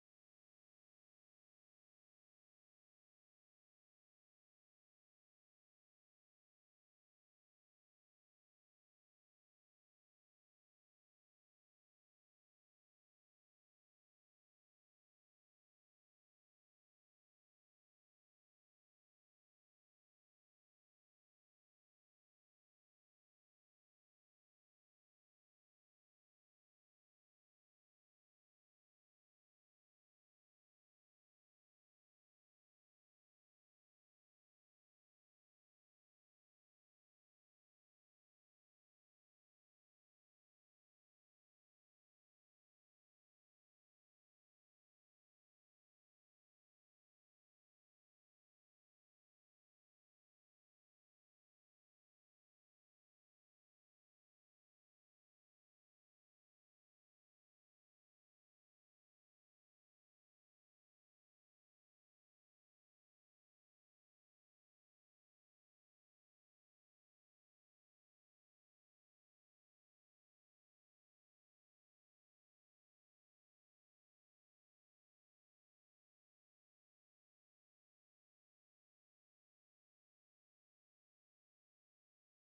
Speaker 1: Yeah, yeah,
Speaker 3: So,
Speaker 4: Yeah, I actually, when you said about the Rio, I didn't know that you can have a dinner there. I
Speaker 1: yeah.
Speaker 4: just
Speaker 3: yeah,
Speaker 4: saw
Speaker 3: up
Speaker 4: it
Speaker 3: at the
Speaker 4: in
Speaker 1: Up
Speaker 4: a,
Speaker 3: rooftop?
Speaker 1: top,
Speaker 4: I
Speaker 1: yeah.
Speaker 3: Yeah,
Speaker 4: just
Speaker 3: dude,
Speaker 4: saw
Speaker 3: those are
Speaker 4: it in a
Speaker 3: really cool.
Speaker 4: TikTok, and I really like to do it. I would really like to
Speaker 3: It's
Speaker 4: do it.
Speaker 3: worth Make a reservation, though.
Speaker 1: But it's really expensive
Speaker 3: It's
Speaker 1: though.
Speaker 3: really
Speaker 2: Yeah, it's
Speaker 3: expensive.
Speaker 2: really
Speaker 4: Yeah.
Speaker 2: expensive.
Speaker 1: Yeah,
Speaker 3: I mean, it's not unreasonably expensive for what it is,
Speaker 4: How
Speaker 3: um,
Speaker 4: how much are we
Speaker 3: but
Speaker 4: talking
Speaker 3: it's like a
Speaker 4: about?
Speaker 3: hundred bucks to go up each person, I think,
Speaker 1: yeah,
Speaker 3: right?
Speaker 1: that's right.
Speaker 3: And then if you, I really recommend you make a reservation, especially if you're trying planning on going around these dates.
Speaker 2: Yeah.
Speaker 3: But you know, the first time I went, we didn't make a reservation. Unfortunately, we got a table, and I mean, I think for a few drinks, we paid maybe like 300 bucks. It wasn't crazy,
Speaker 4: Okay.
Speaker 3: you know,
Speaker 2: No.
Speaker 3: but it's fun. It's a pretty spot and cool pictures and
Speaker 2: Yeah.
Speaker 4: Yeah.
Speaker 3: if you
Speaker 4: If
Speaker 3: go
Speaker 4: you,
Speaker 3: at night though, definitely take a jacket. Take a
Speaker 1: Yeah, it's
Speaker 2: Nice.
Speaker 1: really
Speaker 3: jacket. Yeah,
Speaker 1: cold
Speaker 2: Yeah.
Speaker 3: it's
Speaker 1: over
Speaker 3: really
Speaker 1: there.
Speaker 3: cold
Speaker 1: Yeah.
Speaker 3: up there.
Speaker 2: Night,
Speaker 4: yeah.
Speaker 2: at night this is fundamental.
Speaker 3: Yeah, I
Speaker 2: Yeah.
Speaker 3: don't. I don't know if
Speaker 4: And
Speaker 3: I'd want to go during the day, but I'm sure. Look, it's a great view too. But night, nighttime dinner day is kind of like the vibe you know, that I get
Speaker 2: Yeah, the
Speaker 3: there.
Speaker 1: Yeah, yeah.
Speaker 2: vibe.
Speaker 1: I'll
Speaker 3: You know,
Speaker 1: probably just make a
Speaker 3: yeah.
Speaker 2: Mm.
Speaker 1: reservation.
Speaker 2: The place I think I would recommend. Mm. You guys put it very difficult because
Speaker 4: because, he's
Speaker 2: I
Speaker 4: gonna
Speaker 2: was
Speaker 4: say it,
Speaker 2: like
Speaker 4: my
Speaker 2: thinking of the
Speaker 4: scum's place.
Speaker 2: usually.
Speaker 3: You
Speaker 2: No. I think Suejiro.
Speaker 4: Suihiro.
Speaker 1: Swahiro.
Speaker 2: So Hero no, is more expensive,
Speaker 3: okay?
Speaker 2: but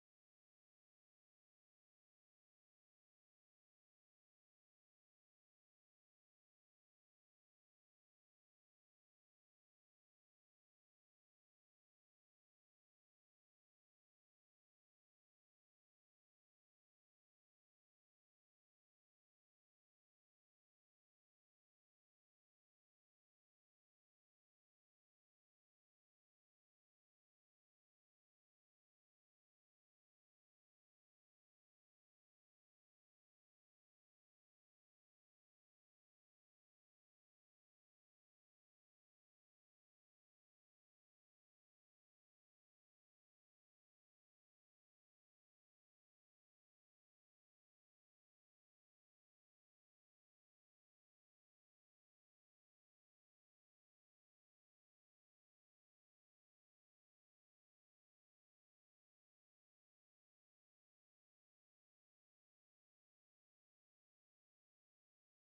Speaker 2: they is one of the places that it it's worth it because one professional chef
Speaker 3: Sure.
Speaker 2: cooks in front of you and make like with an egg. Um,
Speaker 3: It's kind of like hibachi. You
Speaker 1: Uh,
Speaker 2: yeah,
Speaker 3: know, like
Speaker 2: yeah, yeah,
Speaker 3: they'll do
Speaker 2: yeah,
Speaker 3: the
Speaker 2: and
Speaker 3: cooking in front of you. Okay, cool.
Speaker 2: and make make
Speaker 3: Like cracks it on
Speaker 2: like
Speaker 3: his little like
Speaker 2: yeah,
Speaker 3: spatula or whatever. Okay.
Speaker 2: and
Speaker 1: yeah, they make
Speaker 2: he
Speaker 1: the
Speaker 2: cooks,
Speaker 1: show.
Speaker 2: yeah, and
Speaker 3: Yeah.
Speaker 2: makes the show in front of you and wherever. And actually, it's not only the show; the food is very good.
Speaker 3: Yeah. Okay.
Speaker 2: Yeah, it's
Speaker 3: Cool.
Speaker 2: very tasty. Um, I love the, how you say, helado frito.
Speaker 3: When they like toss the shrimp at you,
Speaker 1: I don't
Speaker 2: Helado,
Speaker 1: know,
Speaker 4: I
Speaker 3: Did
Speaker 1: like
Speaker 2: no,
Speaker 3: they
Speaker 1: the
Speaker 3: do
Speaker 4: didn't
Speaker 1: the,
Speaker 3: that?
Speaker 1: fri- the
Speaker 4: understand what
Speaker 1: fried
Speaker 4: kind
Speaker 1: uh
Speaker 4: of,
Speaker 3: Was
Speaker 4: of,
Speaker 3: it
Speaker 4: of
Speaker 1: the
Speaker 4: food?
Speaker 1: fried
Speaker 2: is
Speaker 1: ice cream.
Speaker 3: fried ice cream?
Speaker 2: is Japanese food. Yeah,
Speaker 4: But like, just sushi or like everything.
Speaker 2: no, no, no. Everything,
Speaker 3: Sashimi?
Speaker 2: everything. That sashimi, sashimi is on the kitchen.
Speaker 3: Yeah.
Speaker 2: The things that they can make there is like um, yakimeshi, teppanyaki, wherever,
Speaker 3: Okay.
Speaker 2: and they made it in front of you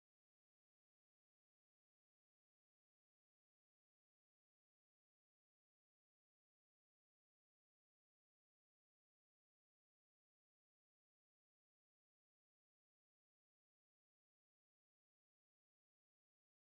Speaker 3: Yeah, it's
Speaker 2: with a
Speaker 3: hibachi, right?
Speaker 2: show.
Speaker 3: Yeah.
Speaker 4: Cool.
Speaker 2: Yeah, and with the show and wherever. And I think it's one of the best things of of the place that
Speaker 3: Yeah.
Speaker 2: they make you the show.
Speaker 4: Well, it is not just going for a dinner. It's experience.
Speaker 2: It's
Speaker 3: Yeah.
Speaker 2: experience, and also the place is very old,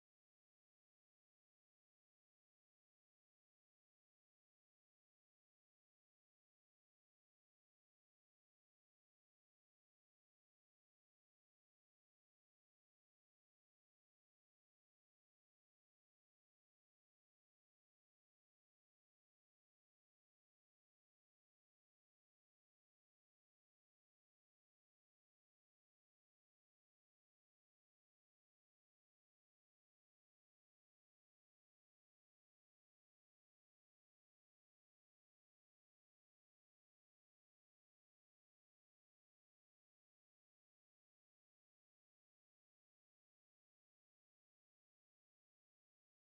Speaker 2: and it's like a Japanese temple, whatever.
Speaker 4: Ah, that's
Speaker 3: Oh,
Speaker 4: really
Speaker 3: that's cool.
Speaker 4: cool. That's
Speaker 2: Yeah,
Speaker 4: really cool.
Speaker 2: yeah, yeah, yeah. And I think and much of
Speaker 4: he
Speaker 2: people.
Speaker 4: is he in Colonia Americana?
Speaker 2: Yeah,
Speaker 4: I think I have seen, like, a really big house
Speaker 2: yeah.
Speaker 4: with like a Japanese theme,
Speaker 2: It's in the zone.
Speaker 4: but
Speaker 2: I don't, I don't know if it's in Colonia Americana, but it's in the zone, and it's very very very cool. If you ever want to and have the money for going to a place expensive,
Speaker 3: Mhm.
Speaker 2: is the place that you need to go. Is
Speaker 3: Gotcha.
Speaker 2: fundamental. Is that and Estancia Gaucha. Estancia Gaucha, they make some like steaks, very good looking, wherever,
Speaker 3: Okay, cool.
Speaker 2: and very
Speaker 4: okay.
Speaker 2: tasty. It's
Speaker 3: Right.
Speaker 2: like,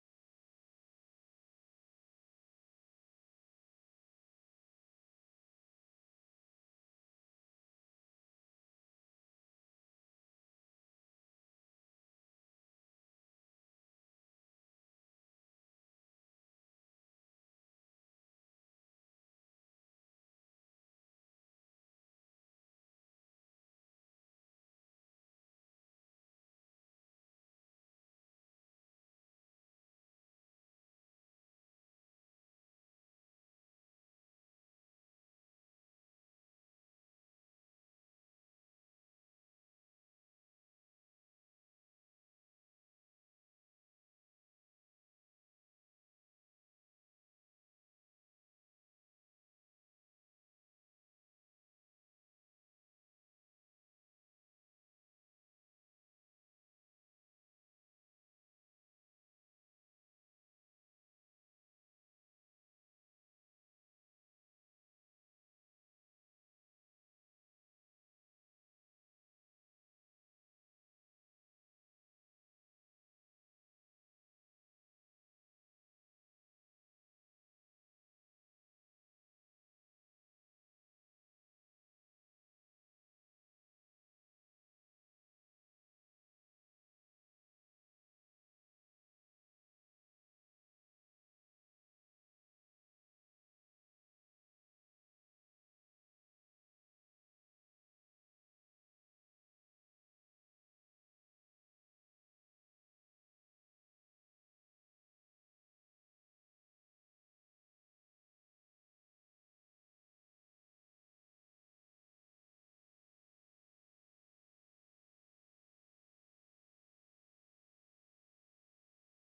Speaker 2: yeah,
Speaker 3: Cool. Okay. Yeah, man.
Speaker 2: yeah,
Speaker 3: I like the little like bazaars. You know,
Speaker 2: yeah,
Speaker 3: I like going out to visit those because there's like you know cool stuff you can look at. You know, they usually have some pretty like interesting food, like kind of smaller mom and pop shops.
Speaker 2: yeah,
Speaker 3: So you know, I think those are pretty cool to go visit.
Speaker 2: yeah. It's cool.
Speaker 4: And have you been in the in some tianguis or like famous tianguis of here
Speaker 3: So
Speaker 4: in
Speaker 3: I've
Speaker 4: Guadalajara?
Speaker 3: been
Speaker 4: Sure.
Speaker 3: to Cultural,
Speaker 4: Okay.
Speaker 3: which most people that were like at Parque Rojo
Speaker 4: Over.
Speaker 3: moved over
Speaker 4: Uh huh.
Speaker 3: there after the government like moved
Speaker 4: Yeah,
Speaker 3: them
Speaker 4: yeah.
Speaker 3: out for
Speaker 4: Yeah,
Speaker 3: whatever
Speaker 4: no.
Speaker 3: reason. But I've been in that one. I've been to San Juan de Dios. That one's pretty cool. I don't know if that counts as
Speaker 4: Yeah,
Speaker 3: tianguis.
Speaker 4: yeah, it
Speaker 3: Yeah.
Speaker 4: actually counts, but
Speaker 3: I've heard the one I've heard about is like the biggest one in Latin
Speaker 4: Baratillo.
Speaker 3: America. Yeah, that's like 50 blocks or
Speaker 4: It's
Speaker 3: something, right?
Speaker 4: incredible,
Speaker 3: Where
Speaker 4: man.
Speaker 3: is it like around all the time? I can't imagine
Speaker 4: No,
Speaker 3: they
Speaker 4: it
Speaker 3: pack
Speaker 4: is
Speaker 3: up and
Speaker 4: only
Speaker 3: put it
Speaker 4: on
Speaker 3: back
Speaker 4: Sundays. Oh,
Speaker 3: only on
Speaker 4: I think,
Speaker 3: Sundays.
Speaker 4: I it's the only day I know that it's available. I don't
Speaker 3: Okay.
Speaker 4: know if there are other, but Sundays is where you can find everything.
Speaker 3: Okay,
Speaker 4: Like
Speaker 3: what
Speaker 4: you
Speaker 3: part
Speaker 4: can,
Speaker 3: of the city is that in?
Speaker 4: it's like,
Speaker 3: Well, if it's 50 blocks, I'm sure it's not that
Speaker 4: I
Speaker 3: hard to
Speaker 4: yeah,
Speaker 3: find, right?
Speaker 4: I
Speaker 3: But
Speaker 4: can tell you like, in a specific, but
Speaker 3: is it like northish, southish,
Speaker 4: like,
Speaker 3: east,
Speaker 4: northeast.
Speaker 3: northish?
Speaker 4: But it's it's in-
Speaker 2: Nice.
Speaker 4: it's incredible. You can walk, and first you are watching like, normal things, no?
Speaker 3: Then you get to
Speaker 4: Vegetable,
Speaker 3: the weird part of it.
Speaker 4: vegetables, fruits.
Speaker 3: Okay.
Speaker 4: Then you walk two blocks, and then you see crocodiles, and monkeys.
Speaker 2: Crocodiles.
Speaker 3: We've got our guest joining us back in, and
Speaker 4: He he needs a lot
Speaker 3: we
Speaker 4: of
Speaker 3: took a really
Speaker 4: context.
Speaker 3: wild turn. We were talking
Speaker 4: Yeah, we're
Speaker 3: about
Speaker 4: talking about
Speaker 3: burgers,
Speaker 4: something
Speaker 3: and now we're
Speaker 4: too
Speaker 3: talking about
Speaker 4: different.
Speaker 3: crocodiles. He's like,
Speaker 1: Crocodiles.
Speaker 3: "What
Speaker 1: Yeah,
Speaker 3: are
Speaker 1: I
Speaker 3: you
Speaker 1: just
Speaker 3: guys
Speaker 1: I just
Speaker 3: talking
Speaker 1: left about five
Speaker 3: about?"
Speaker 1: minutes and I now we're talking about
Speaker 3: We
Speaker 2: Well,
Speaker 1: crocodiles.
Speaker 4: Man,
Speaker 1: Okay.
Speaker 4: we
Speaker 2: guys.
Speaker 4: were talking about
Speaker 3: Oh,
Speaker 4: about Baratillo. Have you ever been to Baratillo?
Speaker 1: To
Speaker 4: To
Speaker 1: the Baratillo?
Speaker 4: the
Speaker 1: Yeah, I've, I,
Speaker 4: Baratillo.
Speaker 3: yeah,
Speaker 1: I- I've heard of it. I haven't gone.
Speaker 2: So, guys, thank you for joining us today.
Speaker 3: yeah, it's
Speaker 2: Hope you like it,
Speaker 3: about
Speaker 2: and
Speaker 3: that
Speaker 2: we'll
Speaker 3: time,
Speaker 2: see you
Speaker 3: guys.
Speaker 2: next time.
Speaker 3: And
Speaker 2: Um,
Speaker 3: we're out, guys. Thank you for
Speaker 4: Bye
Speaker 3: coming, and thank you for
Speaker 4: bye.
Speaker 3: listening.
Speaker 2: thank you for listening.